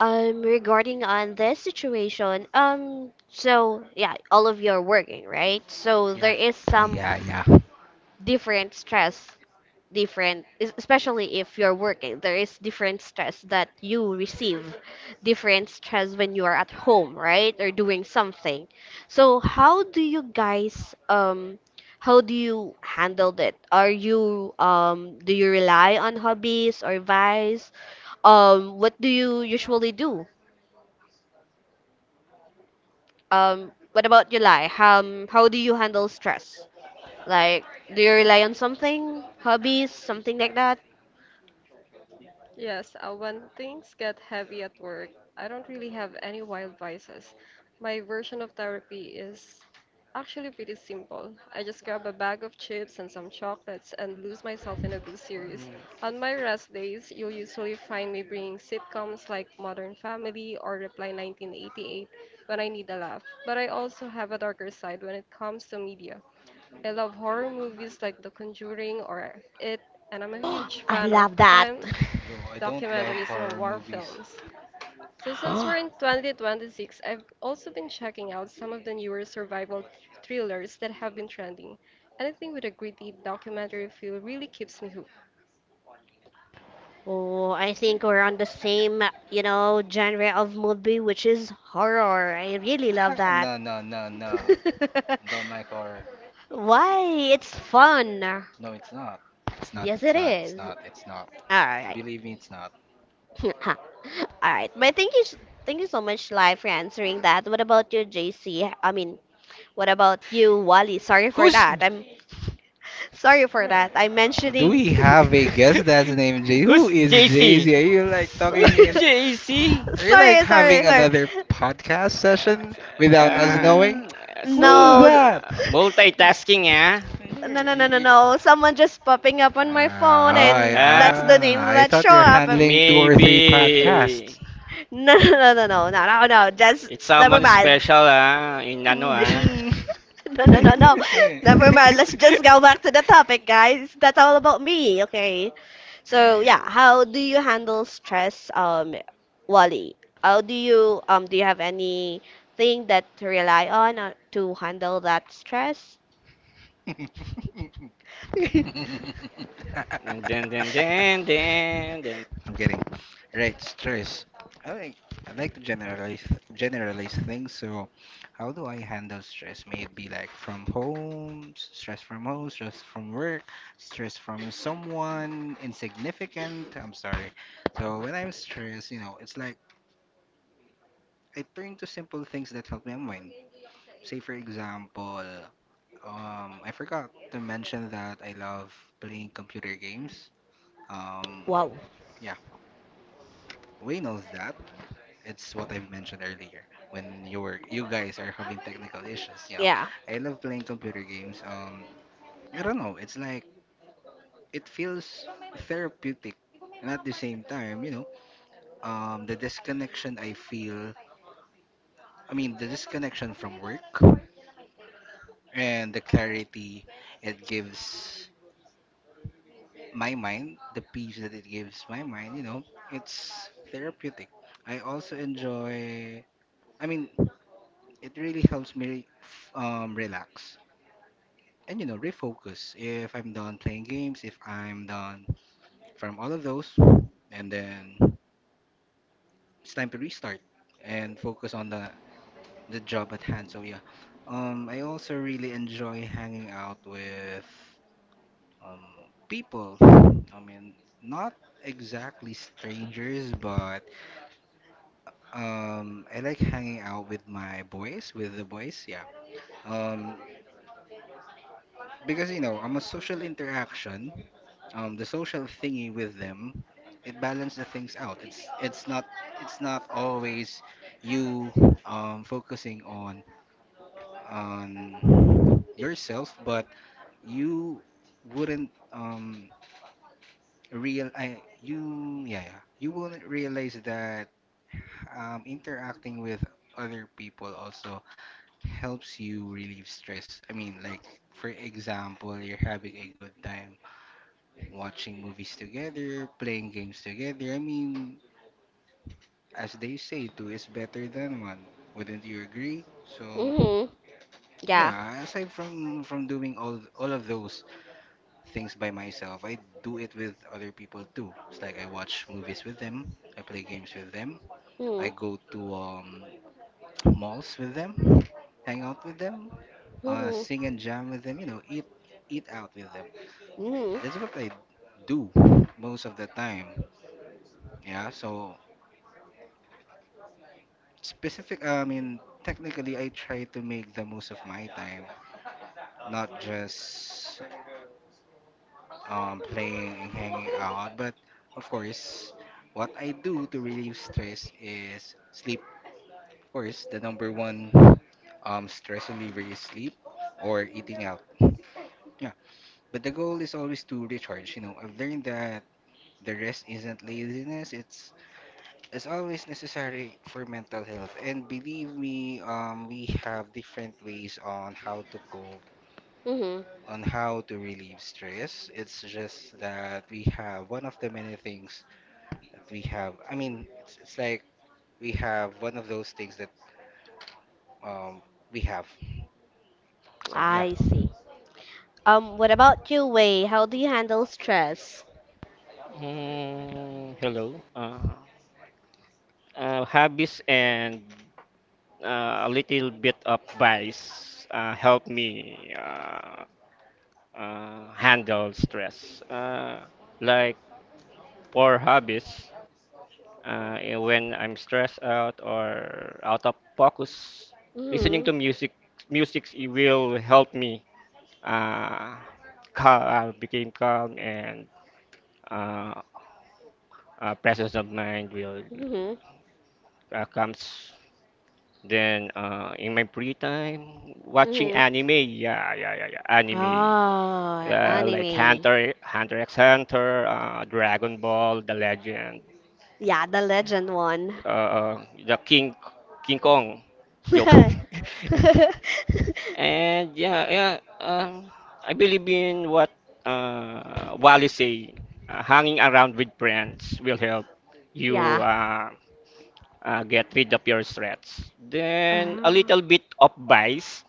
Speaker 1: Regarding on this situation, so yeah, all of you are working, right? So
Speaker 2: Yeah.
Speaker 1: there is some
Speaker 2: Yeah, yeah.
Speaker 1: different stress, different, especially if you're working, there is different stress that you receive, different stress when you are at home, right? Or doing something. So how do you handle it? Do you rely on hobbies or vice? What do you usually do? What about you, Lai? How do you handle stress? Like, do you rely on something, hobbies, something like that?
Speaker 4: Yes, when things get heavy at work, I don't really have any wild vices. My version of therapy is actually pretty simple. I just grab a bag of chips and some chocolates and lose myself in a good series. On my rest days, you'll usually find me bringing sitcoms like Modern Family or Reply 1988 when I need a laugh. But I also have a darker side when it comes to media. I love horror movies like The Conjuring or It, and I'm a huge
Speaker 1: I
Speaker 4: fan
Speaker 1: love
Speaker 4: of
Speaker 1: that.
Speaker 4: crime
Speaker 2: Yo, I don't love
Speaker 4: documentaries,
Speaker 2: horror
Speaker 4: and war
Speaker 2: movies.
Speaker 4: films. So since we're in 2026, I've also been checking out some of the newer survival thrillers that have been trending. Anything with a gritty documentary feel really keeps me hooked.
Speaker 1: Oh, I think we're on the same, genre of movie, which is horror. I really love that.
Speaker 2: No, no, no, no. Don't like horror.
Speaker 1: Why? It's fun.
Speaker 2: No, it's not. It's not,
Speaker 1: Yes,
Speaker 2: it's
Speaker 1: it
Speaker 2: not, it's
Speaker 1: is.
Speaker 2: not, it's not.
Speaker 1: All right.
Speaker 2: Believe me, it's not.
Speaker 1: All right, but thank you, thank you so much, Live, for answering that. What about you, JC? I mean, what about you, Wally? Sorry for
Speaker 3: Who's
Speaker 1: that. I'm sorry for that. I'm
Speaker 2: Uh, do
Speaker 1: mentioning.
Speaker 2: we have a guest that's named Jay? Who
Speaker 3: Who's
Speaker 2: is Jay
Speaker 3: JC?
Speaker 2: Z? Are you like
Speaker 3: With
Speaker 2: talking in
Speaker 3: JC.
Speaker 2: Are you like
Speaker 1: Sorry,
Speaker 2: having
Speaker 1: sorry, sorry.
Speaker 2: another podcast session without us
Speaker 3: Uh,
Speaker 2: knowing?
Speaker 1: Mm,
Speaker 3: so,
Speaker 2: Who's
Speaker 1: no.
Speaker 2: that?
Speaker 3: multitasking, yeah.
Speaker 1: No, no, no, no,
Speaker 2: Y-
Speaker 1: no. Someone just popping up on my phone,
Speaker 2: Ah, I,
Speaker 1: and
Speaker 3: Ah,
Speaker 1: that's the name
Speaker 2: ah, I
Speaker 1: that
Speaker 2: thought
Speaker 1: show
Speaker 2: you're
Speaker 1: up.
Speaker 2: handling two or three
Speaker 3: maybe
Speaker 2: podcasts.
Speaker 1: No, no, no, no, no, no, no, no, just
Speaker 3: it's
Speaker 1: never
Speaker 3: someone
Speaker 1: mind.
Speaker 3: special, ah. In ano, ah.
Speaker 2: Mhm.
Speaker 1: No, no, no, no, never mind. Let's just go back to the topic, guys. That's all about me, okay? So yeah, how do you handle stress, Wally? How do you have anything that to rely on to handle that stress?
Speaker 3: Dun, dun, dun,
Speaker 2: Right.
Speaker 3: dun, dun, dun.
Speaker 2: I'm getting right stress. I like I like to generalize things. So, how do I handle stress? Maybe like from home, stress from home, stress from work, stress from someone insignificant. I'm sorry. So when I'm stressed, it's like I turn to simple things that help me unwind. Say for example, I forgot to mention that I love playing computer games. Um,
Speaker 1: Wow.
Speaker 2: yeah, Wayne knows that. It's what I've mentioned earlier when you guys are having technical issues.
Speaker 1: Yeah.
Speaker 2: I love playing computer games. I don't know. It's like it feels therapeutic, and at the same time, the disconnection I feel. I mean, the disconnection from work and the clarity it gives my mind, the peace that it gives my mind. It's therapeutic. I also enjoy. I mean, it really helps me relax and refocus if I'm done playing games, if I'm done from all of those, and then it's time to restart and focus on the job at hand. So yeah, I also really enjoy hanging out with people. I mean, not exactly strangers, but I like hanging out with the boys, yeah. um because I'm a social interaction, the social thingy with them, it balances the things out. It's not always you focusing on yourself, but you wouldn't real I, you yeah, yeah you wouldn't realize that interacting with other people also helps you relieve stress. I mean, like for example, you're having a good time watching movies together, playing games together. I mean, as they say, two is better than one. Wouldn't you agree? So,
Speaker 1: Mhm. Yeah.
Speaker 2: yeah, aside from doing all of those things by myself, I do it with other people too. It's like I watch movies with them, I play games with them, I
Speaker 1: Mhm.
Speaker 2: go to malls with them, hang out with them,
Speaker 1: Mhm.
Speaker 2: sing and jam with them, eat out with them.
Speaker 1: Mhm.
Speaker 2: That's what I do most of the time. Yeah, I mean, technically, I try to make the most of my time, not just playing and hanging out. But of course, what I do to relieve stress is sleep. Of course, the number one stress reliever is sleep or eating out. Yeah, but the goal is always to recharge. I've learned that the rest isn't laziness; it's is always necessary for mental health. And believe me, we have different ways on how to cope,
Speaker 1: Mhm.
Speaker 2: on how to relieve stress. It's just that we have one of the many things that we have. I mean, it's like we have one of those things that um, we have. So yeah.
Speaker 1: I see. What about you, Wei? How do you handle stress?
Speaker 3: Hmm, hello. Hobbies and a little bit of vice help me handle stress. Like poor hobbies, eh, when I'm stressed out or out of focus, listening
Speaker 1: Mhm.
Speaker 3: to music, will help me uh, became calm and uh, presence of mind will
Speaker 1: Mhm.
Speaker 3: comes. Then in my free time, watching
Speaker 1: Mhm.
Speaker 3: anime. Yeah, yeah, yeah, yeah. Anime
Speaker 1: Oh,
Speaker 3: like
Speaker 1: anime.
Speaker 3: Hunter x Hunter, Dragon Ball, The Legend.
Speaker 1: Yeah, the legend one.
Speaker 3: The King, King Kong joke. And yeah, yeah, um, I believe in what Wally say. Hanging around with friends will help you
Speaker 1: Yeah.
Speaker 3: get rid of your stress.
Speaker 1: Uh,
Speaker 3: Then a little bit of bias.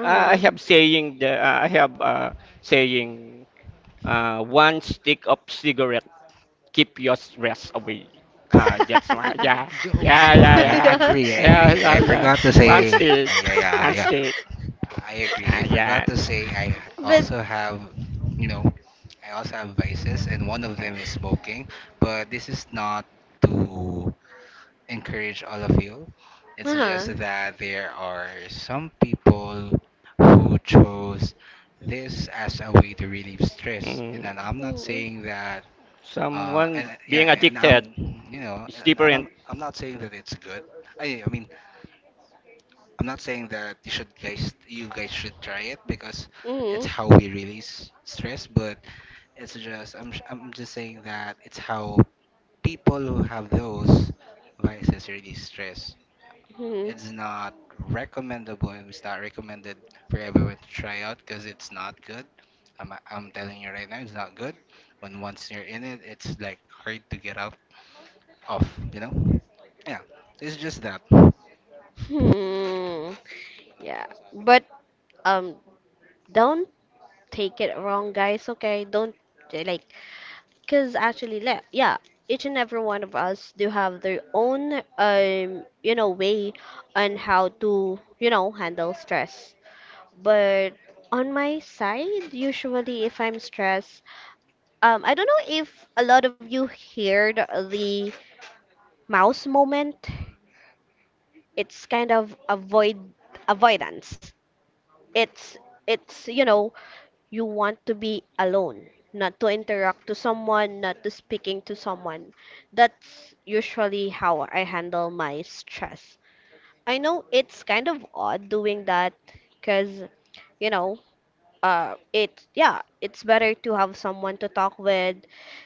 Speaker 3: I have saying one stick of cigarette keep your stress away. That's why. Yeah,
Speaker 2: Yo,
Speaker 3: yeah,
Speaker 2: yo,
Speaker 3: yeah, yeah,
Speaker 2: I
Speaker 1: Yeah.
Speaker 2: agree, I
Speaker 3: yeah,
Speaker 2: agree.
Speaker 3: yeah,
Speaker 2: I
Speaker 3: yeah.
Speaker 2: forgot to
Speaker 3: One
Speaker 2: say,
Speaker 3: stick,
Speaker 2: yeah, yeah,
Speaker 3: one
Speaker 2: yeah.
Speaker 3: stick.
Speaker 2: I agree.
Speaker 3: Ah,
Speaker 2: I forgot
Speaker 3: yeah.
Speaker 2: to say
Speaker 1: But
Speaker 2: also have, you know, I also have vices, and one of
Speaker 3: Uh,
Speaker 2: them is smoking. But this is not to encourage all of you. It's
Speaker 1: uh-huh.
Speaker 2: just that there are some people who chose this as a way to relieve stress, and then
Speaker 3: mm.
Speaker 2: I'm not
Speaker 1: Mhm.
Speaker 2: saying that.
Speaker 3: Someone
Speaker 2: And yeah,
Speaker 3: being
Speaker 2: and I'm,
Speaker 3: addicted
Speaker 2: you know,
Speaker 3: is
Speaker 2: and
Speaker 3: different.
Speaker 2: I'm not saying that it's good. I mean, I'm not saying that you guys should try it because it's
Speaker 1: Mhm.
Speaker 2: how we release stress, but it's just I'm just saying that it's how people who have those vices release stress.
Speaker 1: Mhm.
Speaker 2: It's not recommendable. It's not recommended for everyone to try out because it's not good. I'm telling you right now, it's not good. When once you're in it, it's like hard to get out of. You know? Yeah. It's just that.
Speaker 1: Hmm. Yeah. But um don't take it wrong, guys. Okay, don't like, cause actually, yeah, each and every one of us do have their own, way on how to, handle stress. But on my side, usually if I'm stressed, I don't know if a lot of you heard the mouse moment. It's kind of avoidance. It's it's you know You want to be alone, not to interact to someone, not to speaking to someone. That's usually how I handle my stress. I know it's kind of odd doing that cuz, you know, it yeah, it's better to have someone to talk with,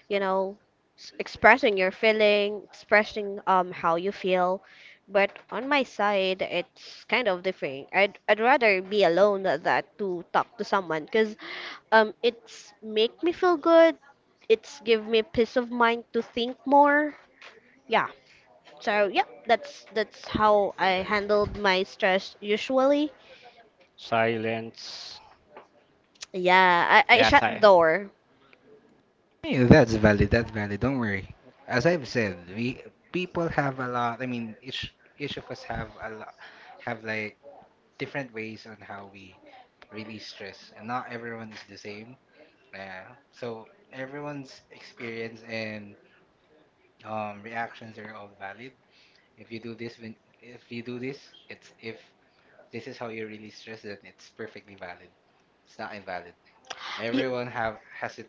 Speaker 1: you know expressing your feeling, expressing how you feel, but on my side it's kind of different. I'd rather be alone than that to talk to someone because it's make me feel good. It's give me peace of mind to think more. Yeah, so yeah, that's how I handled my stress usually.
Speaker 3: Silence.
Speaker 1: Yeah, I
Speaker 3: Yeah,
Speaker 1: shut the
Speaker 3: si-
Speaker 1: door.
Speaker 2: Yeah, that's valid. That's valid. Don't worry. As I've said, we people have a lot. I mean, each of us have a lot, have like different ways on how we release stress, and not everyone is the same. Yeah. So everyone's experience and reactions are all valid. If you do this, when if you do this, it's if this is how you release stress, then it's perfectly valid. It's not invalid.
Speaker 1: Y-
Speaker 2: Everyone have has it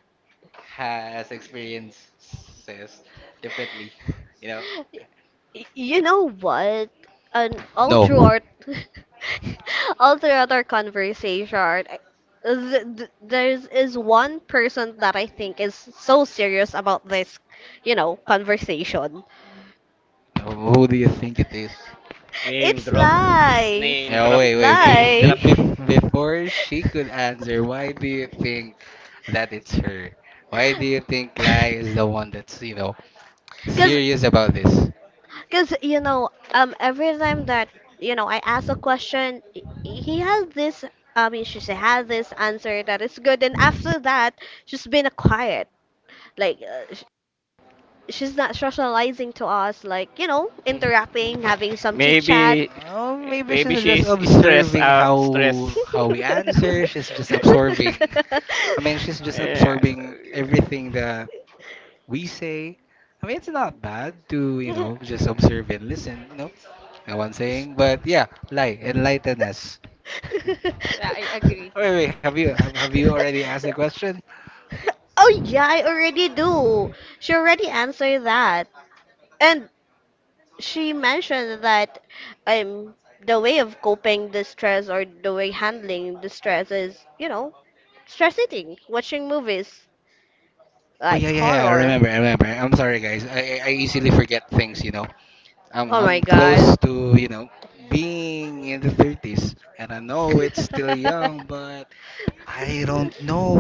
Speaker 2: has experiences differently. You know?
Speaker 1: it. You know what? And all No. throughout, all throughout our conversation, I- th th there is one person that I think is so serious about this, you know, conversation.
Speaker 2: Who do you think it is?
Speaker 3: Name
Speaker 1: It's
Speaker 3: drop,
Speaker 1: Lai.
Speaker 3: name
Speaker 2: Yeah,
Speaker 3: drop,
Speaker 2: wait,
Speaker 1: No
Speaker 2: wait.
Speaker 3: name
Speaker 2: Bef- be-
Speaker 3: drop.
Speaker 1: Lai.
Speaker 2: bef- before she could answer, why do you think that it's her? Why do you think Lai is the one that's,
Speaker 1: Because
Speaker 2: serious about this?
Speaker 1: Because every time that, you know, I ask a question, h- he has this, I mean, she said, has this answer that is good. And after that, she's been quiet. Like, she's not socializing to us, like, you know,
Speaker 3: Mhm.
Speaker 1: interacting, having some chit chat.
Speaker 3: maybe,
Speaker 2: Oh, maybe she's
Speaker 3: Maybe she
Speaker 2: just
Speaker 3: is stressed
Speaker 2: observing
Speaker 3: out.
Speaker 2: how
Speaker 3: Stress.
Speaker 2: how we answer. She's just absorbing. I mean, she's just
Speaker 3: yes.
Speaker 2: absorbing everything the we say. I mean, it's not bad to, just observe and listen. No one saying, but yeah, lie, enlighten us.
Speaker 4: Yeah, I agree.
Speaker 2: Wait, wait, have you already asked the question?
Speaker 1: Oh yeah, I already do. She already answered that. And she mentioned that um the way of coping the stress or the way handling the stress is, you know, stress eating, watching movies
Speaker 2: Oh
Speaker 1: like
Speaker 2: yeah, yeah, yeah. I
Speaker 1: horror.
Speaker 2: remember, I remember. I'm sorry, guys. I easily forget things. I'm
Speaker 1: Oh my
Speaker 2: I'm
Speaker 1: god.
Speaker 2: close to being in the 30s, and I know it's still young, but I don't know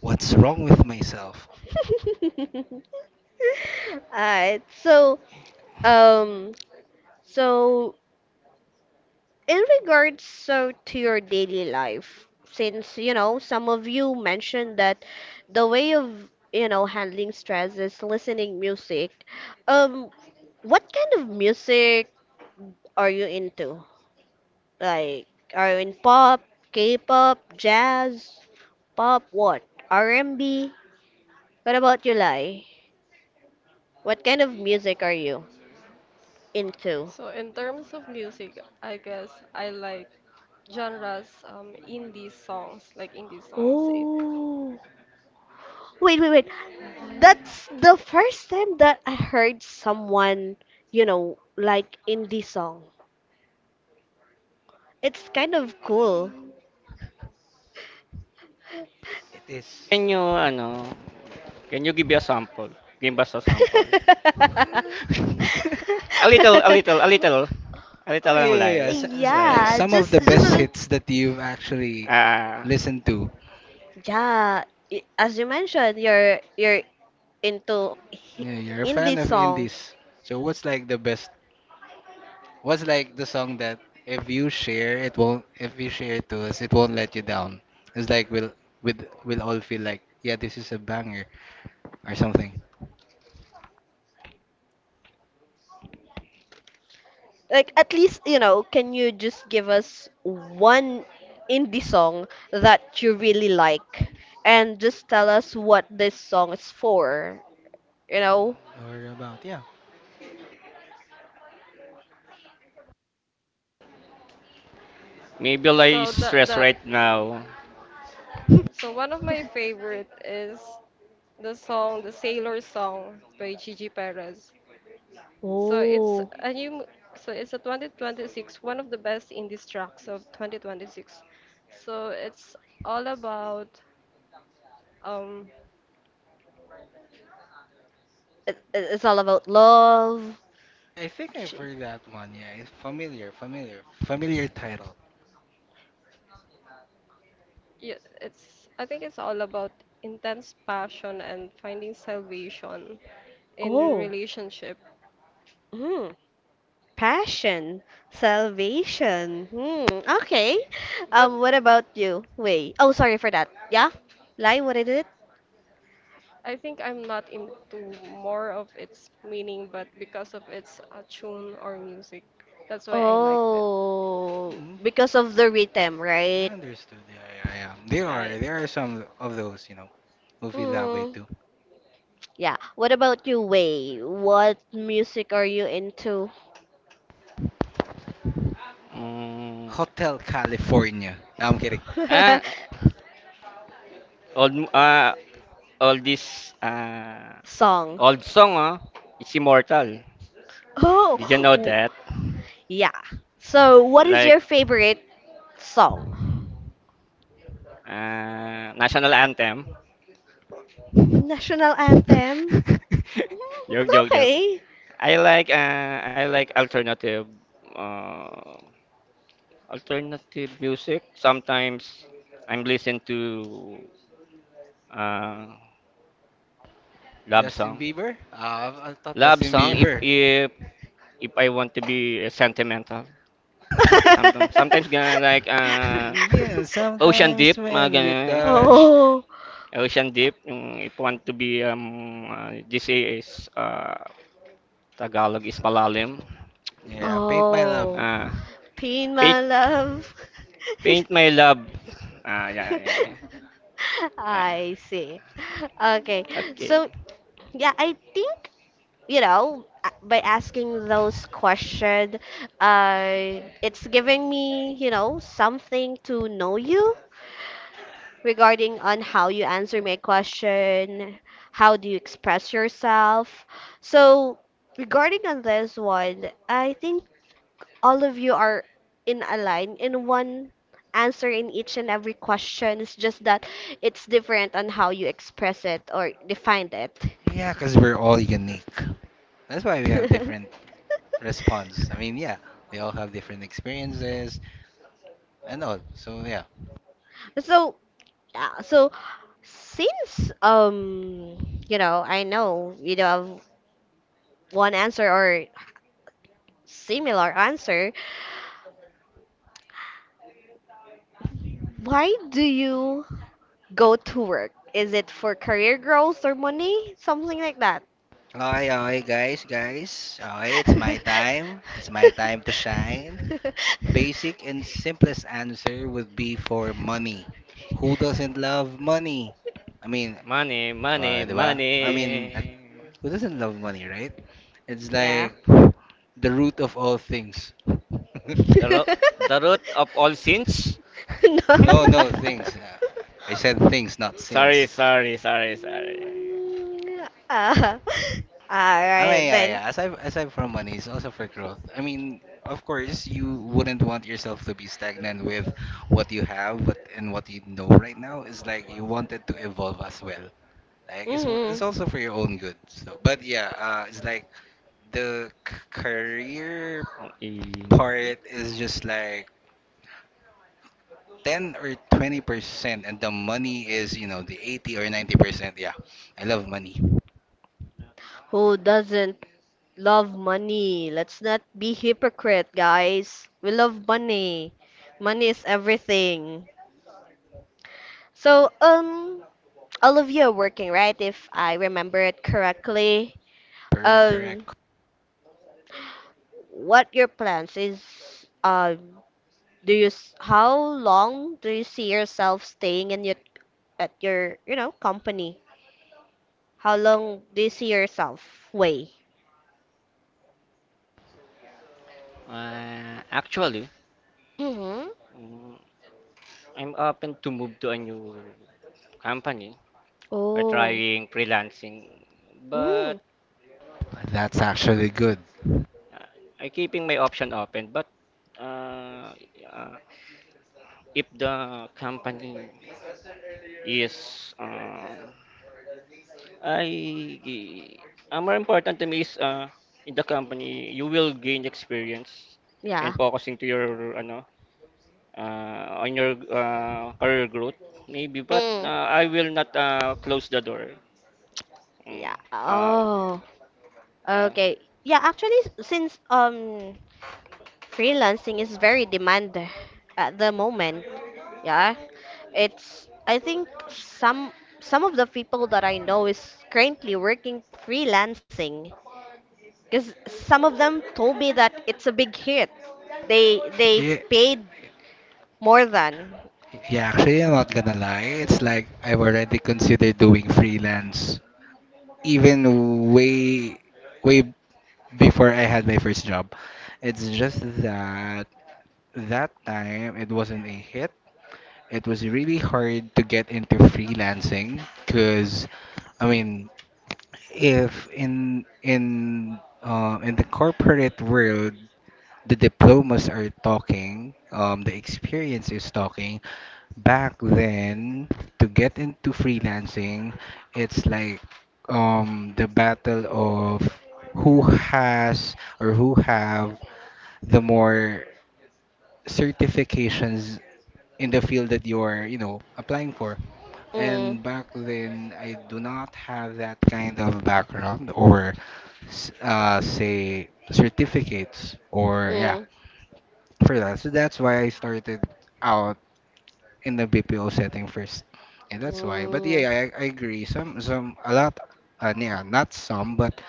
Speaker 2: what's wrong with myself.
Speaker 1: Alright, so um, so in regards to your daily life, since you know some of you mentioned that the way of you know handling stress is listening music. Um, what kind of music are you into? Like, are you in pop, K-pop, jazz, pop, what? R&B? What about you, Lai? What kind of music are you into?
Speaker 4: So in terms of music, I guess I like genres, indie songs, like indie songs. it
Speaker 1: Oh. Wait. That's the first time that I heard someone, you know, like in this song. It's kind of cool.
Speaker 2: It is.
Speaker 3: Can you ano, can you give me a sample? Give us a sample. A little, a little, a little. A
Speaker 2: Oh
Speaker 3: little
Speaker 2: yeah,
Speaker 3: lang
Speaker 2: yeah, yeah.
Speaker 3: lie. Lie,
Speaker 2: Like
Speaker 3: lie.
Speaker 1: Yeah,
Speaker 2: some of
Speaker 1: just
Speaker 2: the
Speaker 1: just a
Speaker 2: best
Speaker 1: little.
Speaker 2: hits that you've actually
Speaker 3: Ah,
Speaker 2: listened to.
Speaker 1: Yeah, as you mentioned, you're into
Speaker 2: Yeah, you're a fan
Speaker 1: indie
Speaker 2: of
Speaker 1: song.
Speaker 2: indies. So what's like the best? What's like the song that if you share it won't if you share it to us, it won't let you down. It's like we'll all feel like yeah, this is a banger or something.
Speaker 1: Like at least you know can you just give us one indie song that you really like and just tell us what this song is for you know.
Speaker 2: Or about yeah.
Speaker 3: maybe lie
Speaker 4: so
Speaker 3: is
Speaker 4: the
Speaker 3: stress
Speaker 4: the
Speaker 3: right now.
Speaker 4: so one of my favorite is the song, the sailor song by Gigi Perez. So it's
Speaker 1: Oh,
Speaker 4: a new, mo- so it's a 2026, one of the best indie tracks of 2026. So it's all about, um,
Speaker 1: it's all about love.
Speaker 2: I think
Speaker 1: ch-
Speaker 2: I've heard that one. Yeah, it's familiar, familiar, familiar title.
Speaker 4: yeah, it's I think it's all about intense passion and finding salvation in a
Speaker 1: oh.
Speaker 4: relationship.
Speaker 1: Mm, passion, salvation. Hmm. Okay.
Speaker 4: But
Speaker 1: Um, what about you, wait, oh, sorry for that. Yeah, line, what is it?
Speaker 4: I think I'm not into more of its meaning, but because of its tune or music, that's why I liked it.
Speaker 1: Oh,
Speaker 2: Mm.
Speaker 1: because of the rhythm,
Speaker 2: I
Speaker 1: right?
Speaker 2: understood. Yeah, yeah, yeah. There are
Speaker 4: Right.
Speaker 2: there are some of those, who feel that way
Speaker 1: Mm,
Speaker 2: too.
Speaker 1: yeah. What about you, Wei? What music are you into?
Speaker 3: Mm,
Speaker 2: Hotel California. No, I'm kidding.
Speaker 3: ah, old, all this, ah,
Speaker 1: Song.
Speaker 3: old song, ah, it's immortal.
Speaker 1: Oh,
Speaker 3: Did you know
Speaker 1: w-
Speaker 3: that?
Speaker 1: yeah. So, what is
Speaker 3: Like,
Speaker 1: your favorite song?
Speaker 3: ah, national anthem.
Speaker 1: National anthem.
Speaker 3: Joke,
Speaker 1: Mm,
Speaker 3: joke, joke.
Speaker 1: okay.
Speaker 3: I like alternative uh, alternative music. Sometimes I'm listen to uh, love
Speaker 2: Justin
Speaker 3: song.
Speaker 2: Bieber? I thought
Speaker 3: Love
Speaker 2: Justin
Speaker 3: song
Speaker 2: Bieber.
Speaker 3: if I want to be sentimental. Sometimes, sometimes gonna like
Speaker 2: Yeah,
Speaker 3: Ocean
Speaker 2: sometimes
Speaker 3: Deep, mga
Speaker 2: when we
Speaker 3: ganun.
Speaker 2: touch.
Speaker 1: Oh.
Speaker 3: Ocean Deep yung if want to be this is Tagalog is malalim.
Speaker 2: Yeah, paint my love.
Speaker 1: Oh.
Speaker 3: Uh,
Speaker 1: Pain,
Speaker 3: paint,
Speaker 1: my love.
Speaker 3: paint my love. Ah, yeah, yeah, yeah. Yeah.
Speaker 1: I see. Okay.
Speaker 3: Okay.
Speaker 1: So, yeah, I think, you know, by asking those questions, it's giving me, you know, something to know you regarding on how you answer my question, how do you express yourself. So, regarding on this one, I think all of you are in a line in one answer in each and every question. It's just that it's different on how you express it or define it.
Speaker 2: Yeah, because we're all unique. That's why we have different response. I mean, yeah, we all have different experiences and all. So, yeah,
Speaker 1: So yeah, so since you know I know you don't have one answer or similar answer, why do you go to work? Is it for career growth or money? Something like that.
Speaker 2: okay, okay, guys, guys. Okay, it's my time. It's my time to shine. Basic and simplest answer would be for money. Who doesn't love money? I mean,
Speaker 3: Money, money,
Speaker 2: di ba?
Speaker 3: money.
Speaker 2: Who doesn't love money, right? It's
Speaker 1: Yeah.
Speaker 2: like the root of all things.
Speaker 3: The, ro- the root of all sins.
Speaker 1: No.
Speaker 2: No, no, things. I said things, not
Speaker 3: Sorry,
Speaker 2: sins.
Speaker 3: sorry, sorry, sorry.
Speaker 1: Mm, uh, all
Speaker 2: I mean,
Speaker 1: right
Speaker 2: yeah,
Speaker 1: then.
Speaker 2: yeah. yeah. Aside aside from money, it's also for growth. I mean, of course, you wouldn't want yourself to be stagnant with what you have, but and what you know right now. It's like you wanted to evolve as well. Like it's
Speaker 1: Mhm.
Speaker 2: also for your own good. So, but yeah, it's like the career
Speaker 3: Ang ingay.
Speaker 2: part is just like 10 or 20%, and the money is the 80 or 90%. Yeah, I love money.
Speaker 1: Who doesn't? Love money. Let's not be hypocrite, guys. We love money. Money is everything. So, all of you are working, right? If I remember it correctly.
Speaker 2: Correct, correct.
Speaker 1: Um, what your plans is, um, how long do you see yourself staying in your, at your, you know, company? How long do you see yourself way?
Speaker 3: Actually,
Speaker 1: Mm-hmm.
Speaker 3: mm, I'm open to move to a new company or
Speaker 1: Oh.
Speaker 3: trying freelancing. But
Speaker 1: Mm.
Speaker 2: That's actually good.
Speaker 3: uh, I keeping my option open. But uh, uh, if the company is I more important to me is in the company you will gain experience and
Speaker 1: Yeah.
Speaker 3: focusing to your ano on your career growth maybe but
Speaker 1: Mm.
Speaker 3: I will not close the door. Mm,
Speaker 1: Yeah.
Speaker 3: uh,
Speaker 1: Oh.
Speaker 3: uh,
Speaker 1: Okay. Yeah, actually, since freelancing is very demand at the moment, yeah, it's I think some of the people that I know is currently working freelancing because some of them told me that it's a big hit. They
Speaker 2: Yeah.
Speaker 1: paid more than.
Speaker 2: Yeah, actually, I'm not gonna lie. It's like I've already considered doing freelance even way, way before I had my first job. It's just that that time it wasn't a hit. It was really hard to get into freelancing because I mean, if in the corporate world, the diplomas are talking, the experience is talking. Back then, to get into freelancing, it's like the battle of who has or who have the more certifications in the field that you're, you know, applying for.
Speaker 1: Mm,
Speaker 2: And back then, I do not have that kind of background or say certificates or yeah
Speaker 1: mm,
Speaker 2: for that. So that's why I started out in the BPO setting first. And that's why. But
Speaker 1: mm,
Speaker 2: yeah, I agree. Some A lot yeah, not some, but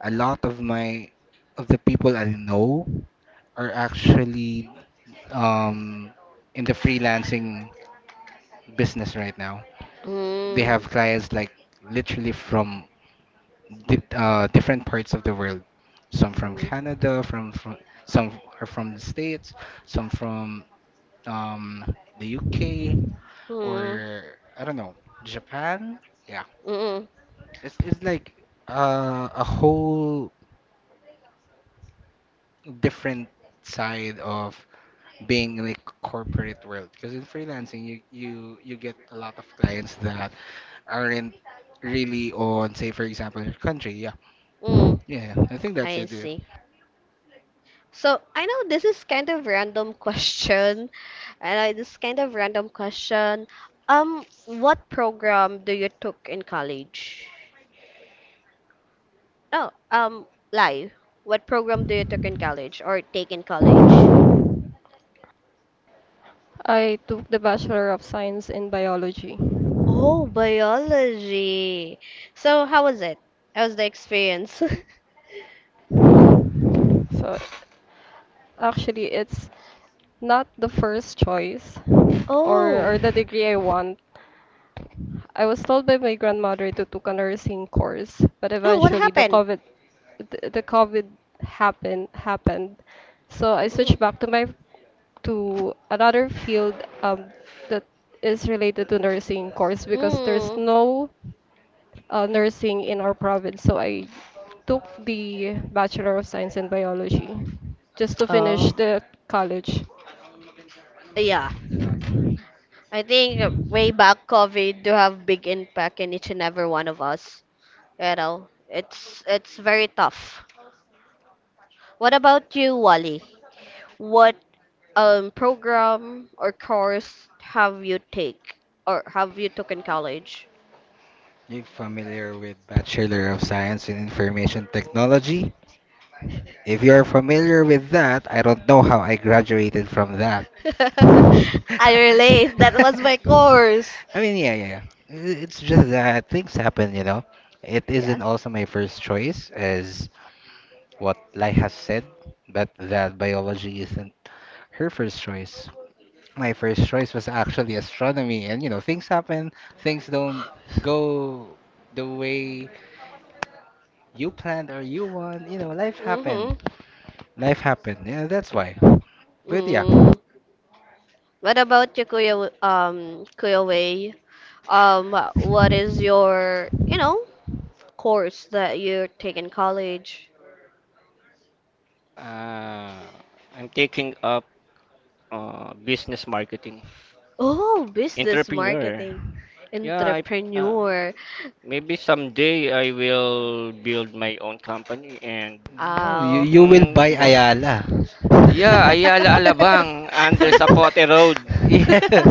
Speaker 2: a lot of my of the people I know are actually um in the freelancing business right now. They
Speaker 1: mm,
Speaker 2: have clients like literally from di different parts of the world. Some from
Speaker 1: mm,
Speaker 2: Canada, from some are from the States, some from um, the UK,
Speaker 1: mm,
Speaker 2: or I don't know, Japan. Yeah,
Speaker 1: mm,
Speaker 2: it's like a whole different side of being like corporate world. Because in freelancing, you get a lot of clients that aren't really on, say, for example, your country. Yeah,
Speaker 1: mm.
Speaker 2: yeah, yeah. I think that's
Speaker 1: I
Speaker 2: it. Yeah.
Speaker 1: see. So I know this is kind of random question. And I this kind of random question. What program do you took in college? No, lie. What program do you took in college or take in college?
Speaker 4: I took the Bachelor of Science in Biology.
Speaker 1: Oh, biology. So how was it? How was the experience?
Speaker 4: So actually, it's not the first choice or,
Speaker 1: Oh,
Speaker 4: or the degree I want. I was told by my grandmother to take a nursing course, but
Speaker 1: oh, what
Speaker 4: eventually the
Speaker 1: happened?
Speaker 4: COVID the, the COVID happened. So I
Speaker 1: Hmm.
Speaker 4: switched back to my to another field um, that is related to nursing course because there's
Speaker 1: Mm.
Speaker 4: no nursing in our province. So I took the Bachelor of Science in Biology just to finish
Speaker 1: Oh,
Speaker 4: the college.
Speaker 1: yeah, I think way back COVID do have big impact in each and every one of us. You know, it's very tough. What about you, Wally? What program or course have you take or have you took in college?
Speaker 2: You familiar with Bachelor of Science in Information Technology? If you're familiar with that, I don't know how I graduated from that. I
Speaker 1: I relate. That was my course.
Speaker 2: mean, yeah. It's just that things happen, you know. It
Speaker 1: Yeah.
Speaker 2: isn't also my first choice, as what Lai has said, but that biology isn't her first choice. My first choice was actually astronomy, and you know, things happen, things don't go the way you planned or you want, you know, life happened.
Speaker 1: Mhm.
Speaker 2: Life happened, yeah, that's why. But yeah.
Speaker 1: Mm. What about you, Kuya? Kuya Wei? What is your, you know, course that you take in college?
Speaker 3: uh, I'm taking up business marketing
Speaker 1: Oh, business
Speaker 3: entrepreneur.
Speaker 1: marketing,
Speaker 3: Yeah, I uh,
Speaker 1: entrepreneur.
Speaker 3: maybe someday I will build my own company and
Speaker 2: No,
Speaker 1: Oh.
Speaker 2: you will
Speaker 3: mm,
Speaker 2: buy
Speaker 3: di ba?
Speaker 2: Ayala.
Speaker 3: Yeah, Ayala Alabang under Sapote Road.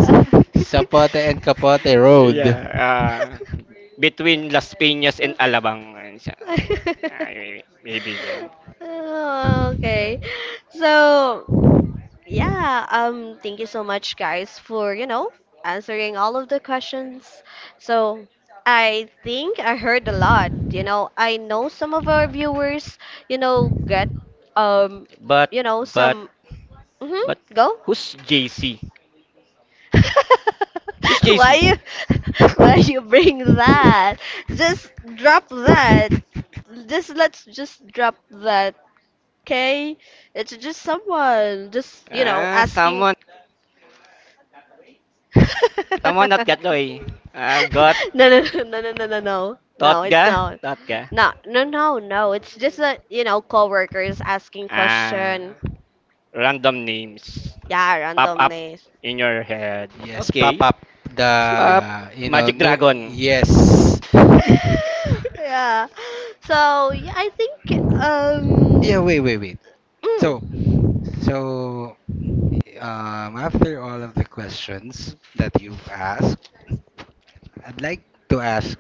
Speaker 2: Sapote and Capote
Speaker 3: yeah,
Speaker 2: Road.
Speaker 3: between Las Piñas and Alabang. Ayun siya. Ay, maybe there.
Speaker 1: Okay. So, yeah, thank you so much, guys, for, you know, answering all of the questions. So, I think I heard a lot. You know, I know some of our viewers, you know, get, um,
Speaker 3: But,
Speaker 1: you know,
Speaker 3: but,
Speaker 1: some.
Speaker 3: but
Speaker 1: Mm-hmm, go.
Speaker 3: who's JC? Who's
Speaker 1: Why
Speaker 3: JC?
Speaker 1: you, why you bring that? Just drop that. Just let's just drop that, okay? It's just someone, just, you know,
Speaker 3: Ah,
Speaker 1: asking.
Speaker 3: someone, someone not got doy. Ah,
Speaker 1: No, no, no, no, no, no, no.
Speaker 3: thought
Speaker 1: No, it's
Speaker 3: ga,
Speaker 1: not. No, no, no, no. It's just a, you know, coworkers asking
Speaker 3: Ah,
Speaker 1: question.
Speaker 3: random names
Speaker 1: Yeah,
Speaker 3: pop up
Speaker 1: randomness.
Speaker 3: in your head.
Speaker 2: Yes, pop
Speaker 3: Okay.
Speaker 2: up the
Speaker 3: Up
Speaker 2: you know
Speaker 3: Magic
Speaker 2: no
Speaker 3: Dragon.
Speaker 2: yes.
Speaker 1: Yeah. So, yeah, I think
Speaker 2: Yeah, wait.
Speaker 1: mm,
Speaker 2: So, so, after all of the questions that you've asked, I'd like to ask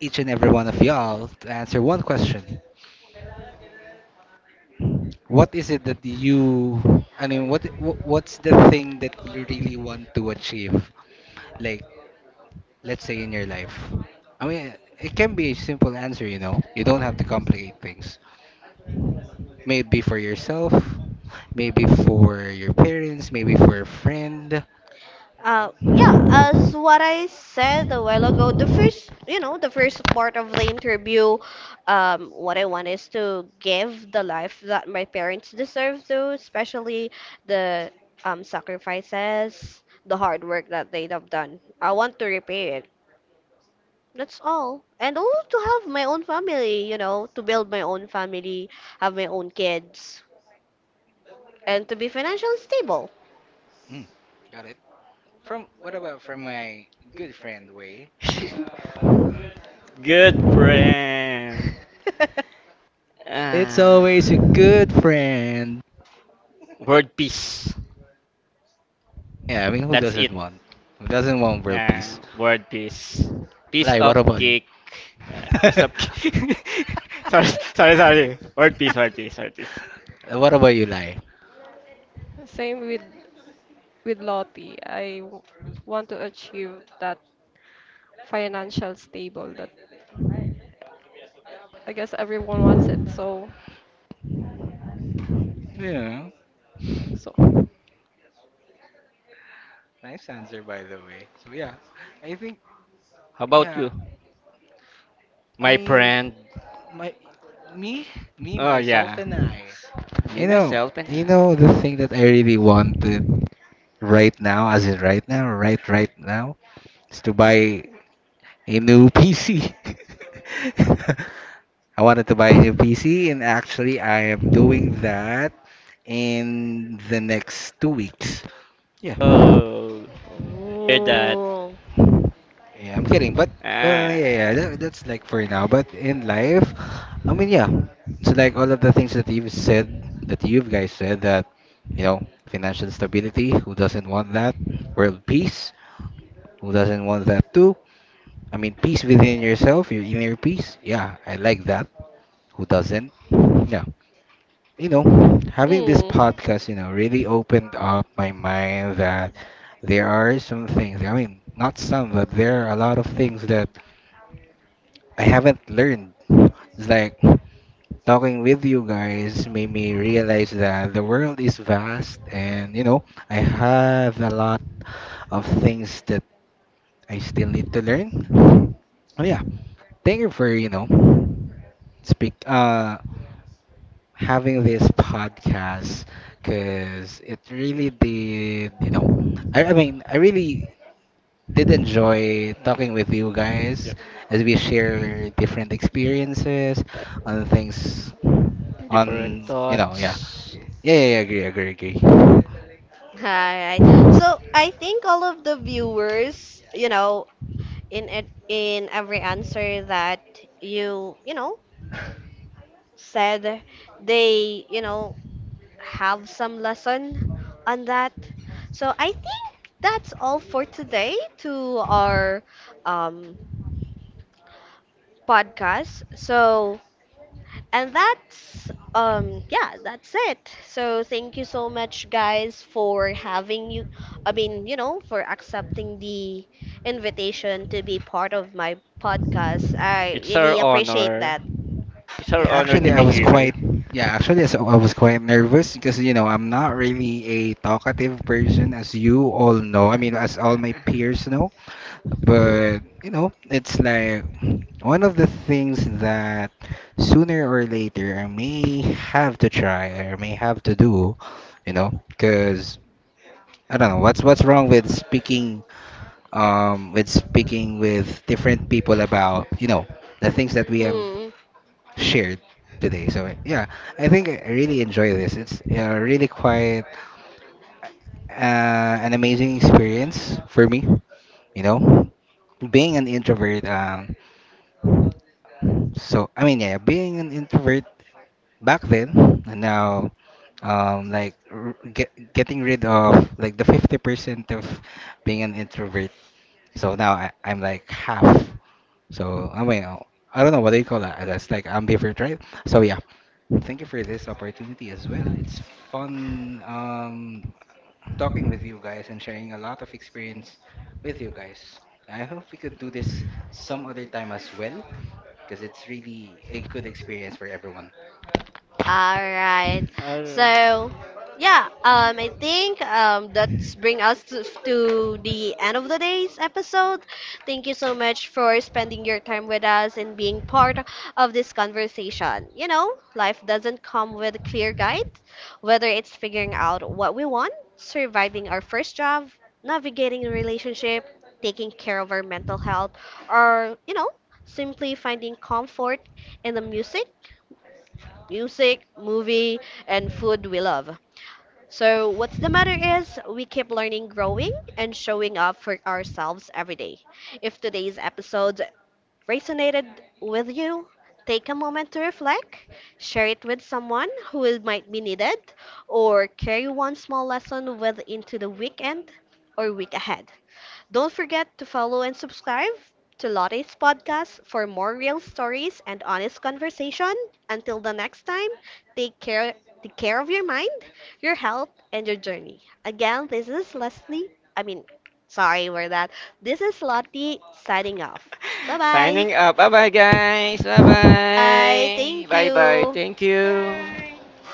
Speaker 2: each and every one of y'all to answer one question. What is it that you, I mean, what's the thing that you really want to achieve? Like, let's say in your life. I mean, it can be a simple answer, you know. You don't have to complicate things. Maybe for yourself, maybe for your parents, maybe for a friend.
Speaker 1: uh, yeah,
Speaker 2: Um,
Speaker 1: as what I said a while ago, the first, you know, the first part of the interview, what I want is to give the life that my parents deserve to, especially the sacrifices, the hard work that they have done. I want to repay it. That's all. And also to have my own family, you know, to build my own family, have my own kids, and to be financially stable.
Speaker 2: Mm, got it. From what about from my good friend Wei?
Speaker 3: Good friend.
Speaker 2: It's
Speaker 3: Ah.
Speaker 2: always a good friend.
Speaker 3: Word peace.
Speaker 2: Yeah, I mean, who
Speaker 3: That's it.
Speaker 2: doesn't want? Who doesn't want world peace?
Speaker 3: Yeah, word peace. Piece
Speaker 2: Lai,
Speaker 3: of
Speaker 2: what about you?
Speaker 3: cake. Yeah, piece of cake. sorry, sorry, sorry. Word peace, word peace, word peace.
Speaker 2: What about you, Lai?
Speaker 4: Same with Lottie. I want to achieve that financial stable that I guess everyone wants it. So
Speaker 2: Yeah,
Speaker 4: so.
Speaker 2: nice answer, by the way. So yeah, I think
Speaker 3: How about
Speaker 2: yeah.
Speaker 3: you?
Speaker 2: I
Speaker 3: My
Speaker 2: mean,
Speaker 3: friend.
Speaker 2: my me, me,
Speaker 3: Oh
Speaker 2: myself,
Speaker 3: yeah.
Speaker 2: and I.
Speaker 3: Me,
Speaker 2: You know,
Speaker 3: myself, and
Speaker 2: you know,
Speaker 3: I.
Speaker 2: the thing that I really wanted right now, as in right now, right now, is to buy a new PC. I wanted to buy a new PC, and actually, I am doing that in the next 2 weeks. Yeah,
Speaker 3: Oh, hear that.
Speaker 1: Oh.
Speaker 2: yeah, I'm kidding, but yeah, yeah,
Speaker 3: Ah,
Speaker 2: that's like for now. But in life, I mean, yeah, it's like all of the things that you've said, that you guys said, that you know, financial stability, who doesn't want that? World peace, who doesn't want that too? I mean, peace within yourself, your inner peace. Yeah, I like that. Who doesn't? Yeah. You know, having this
Speaker 1: Mm.
Speaker 2: podcast, you know, really opened up my mind that there are some things, I mean, not some, but there are a lot of things that I haven't learned. It's like talking with you guys made me realize that the world is vast and, you know, I have a lot of things that I still need to learn. Oh yeah, thank you for, you know, speak having this podcast because it really did, you know, I mean, I really did enjoy talking with you
Speaker 3: di-
Speaker 2: guys as we share different experiences on things
Speaker 3: different
Speaker 2: on, you know, yeah.
Speaker 3: thoughts.
Speaker 2: Yeah, agree, agree.
Speaker 1: Alright. So I think all of the viewers, you know, in it, in every answer that you know, said, they, you know, have some lesson on that. So I think that's all for today to our um, podcast. So, and that's yeah, that's it. So, thank you so much guys for having you, I mean, you know, for accepting the invitation to be part of my podcast. I
Speaker 3: It's our
Speaker 1: really appreciate
Speaker 3: honor.
Speaker 1: that.
Speaker 3: It's our
Speaker 2: Yeah,
Speaker 3: honor to
Speaker 2: actually, I
Speaker 3: be
Speaker 2: was
Speaker 3: here.
Speaker 2: quite. Yeah, actually, so I was quite nervous because you know I'm not really a talkative person, as you all know. I mean, as all my peers know.
Speaker 1: Mm.
Speaker 2: But you know, it's like one of the things that sooner or later I may have to try or may have to do. You know, because I don't know what's wrong with speaking with speaking with different people about you know the things that we have
Speaker 1: Mm.
Speaker 2: shared today. So yeah, I think I really enjoy this. It's really quite an amazing experience for me. You know, being an introvert. So I mean, yeah, being an introvert back then and now, like getting rid of like the 50% of being an introvert. So now I'm like half. So I mean, I don't know what they call that. That's like ambiverted, right? So yeah, thank you for this opportunity as well. It's fun talking with you guys and sharing a lot of experience with you guys. I hope we could do this some other time as well, because it's really a good experience for everyone.
Speaker 1: All right.
Speaker 3: Uh,
Speaker 1: So, yeah, I think that's bring us to the end of the day's episode. Thank you so much for spending your time with us and being part of this conversation. You know, life doesn't come with a clear guide, whether it's figuring out what we want, surviving our first job, navigating a relationship, taking care of our mental health, or, you know, simply finding comfort in the music, movie, and food we love. So, what's the matter is we keep learning, growing, and showing up for ourselves every day. If today's episode resonated with you, take a moment to reflect, share it with someone who it might be needed, or carry one small lesson with into the weekend or week ahead. Don't forget to follow and subscribe to Lotte's podcast for more real stories and honest conversation. Until the next time, take care, take care of your mind, your health, and your journey. Again, this is Leslie. I mean, sorry for that. This is Lottie signing off. Bye bye.
Speaker 3: signing up. Bye bye, guys. Bye
Speaker 1: Bye.
Speaker 3: bye.
Speaker 1: Thank
Speaker 3: Bye bye.
Speaker 1: you.
Speaker 3: Thank you.
Speaker 1: Bye.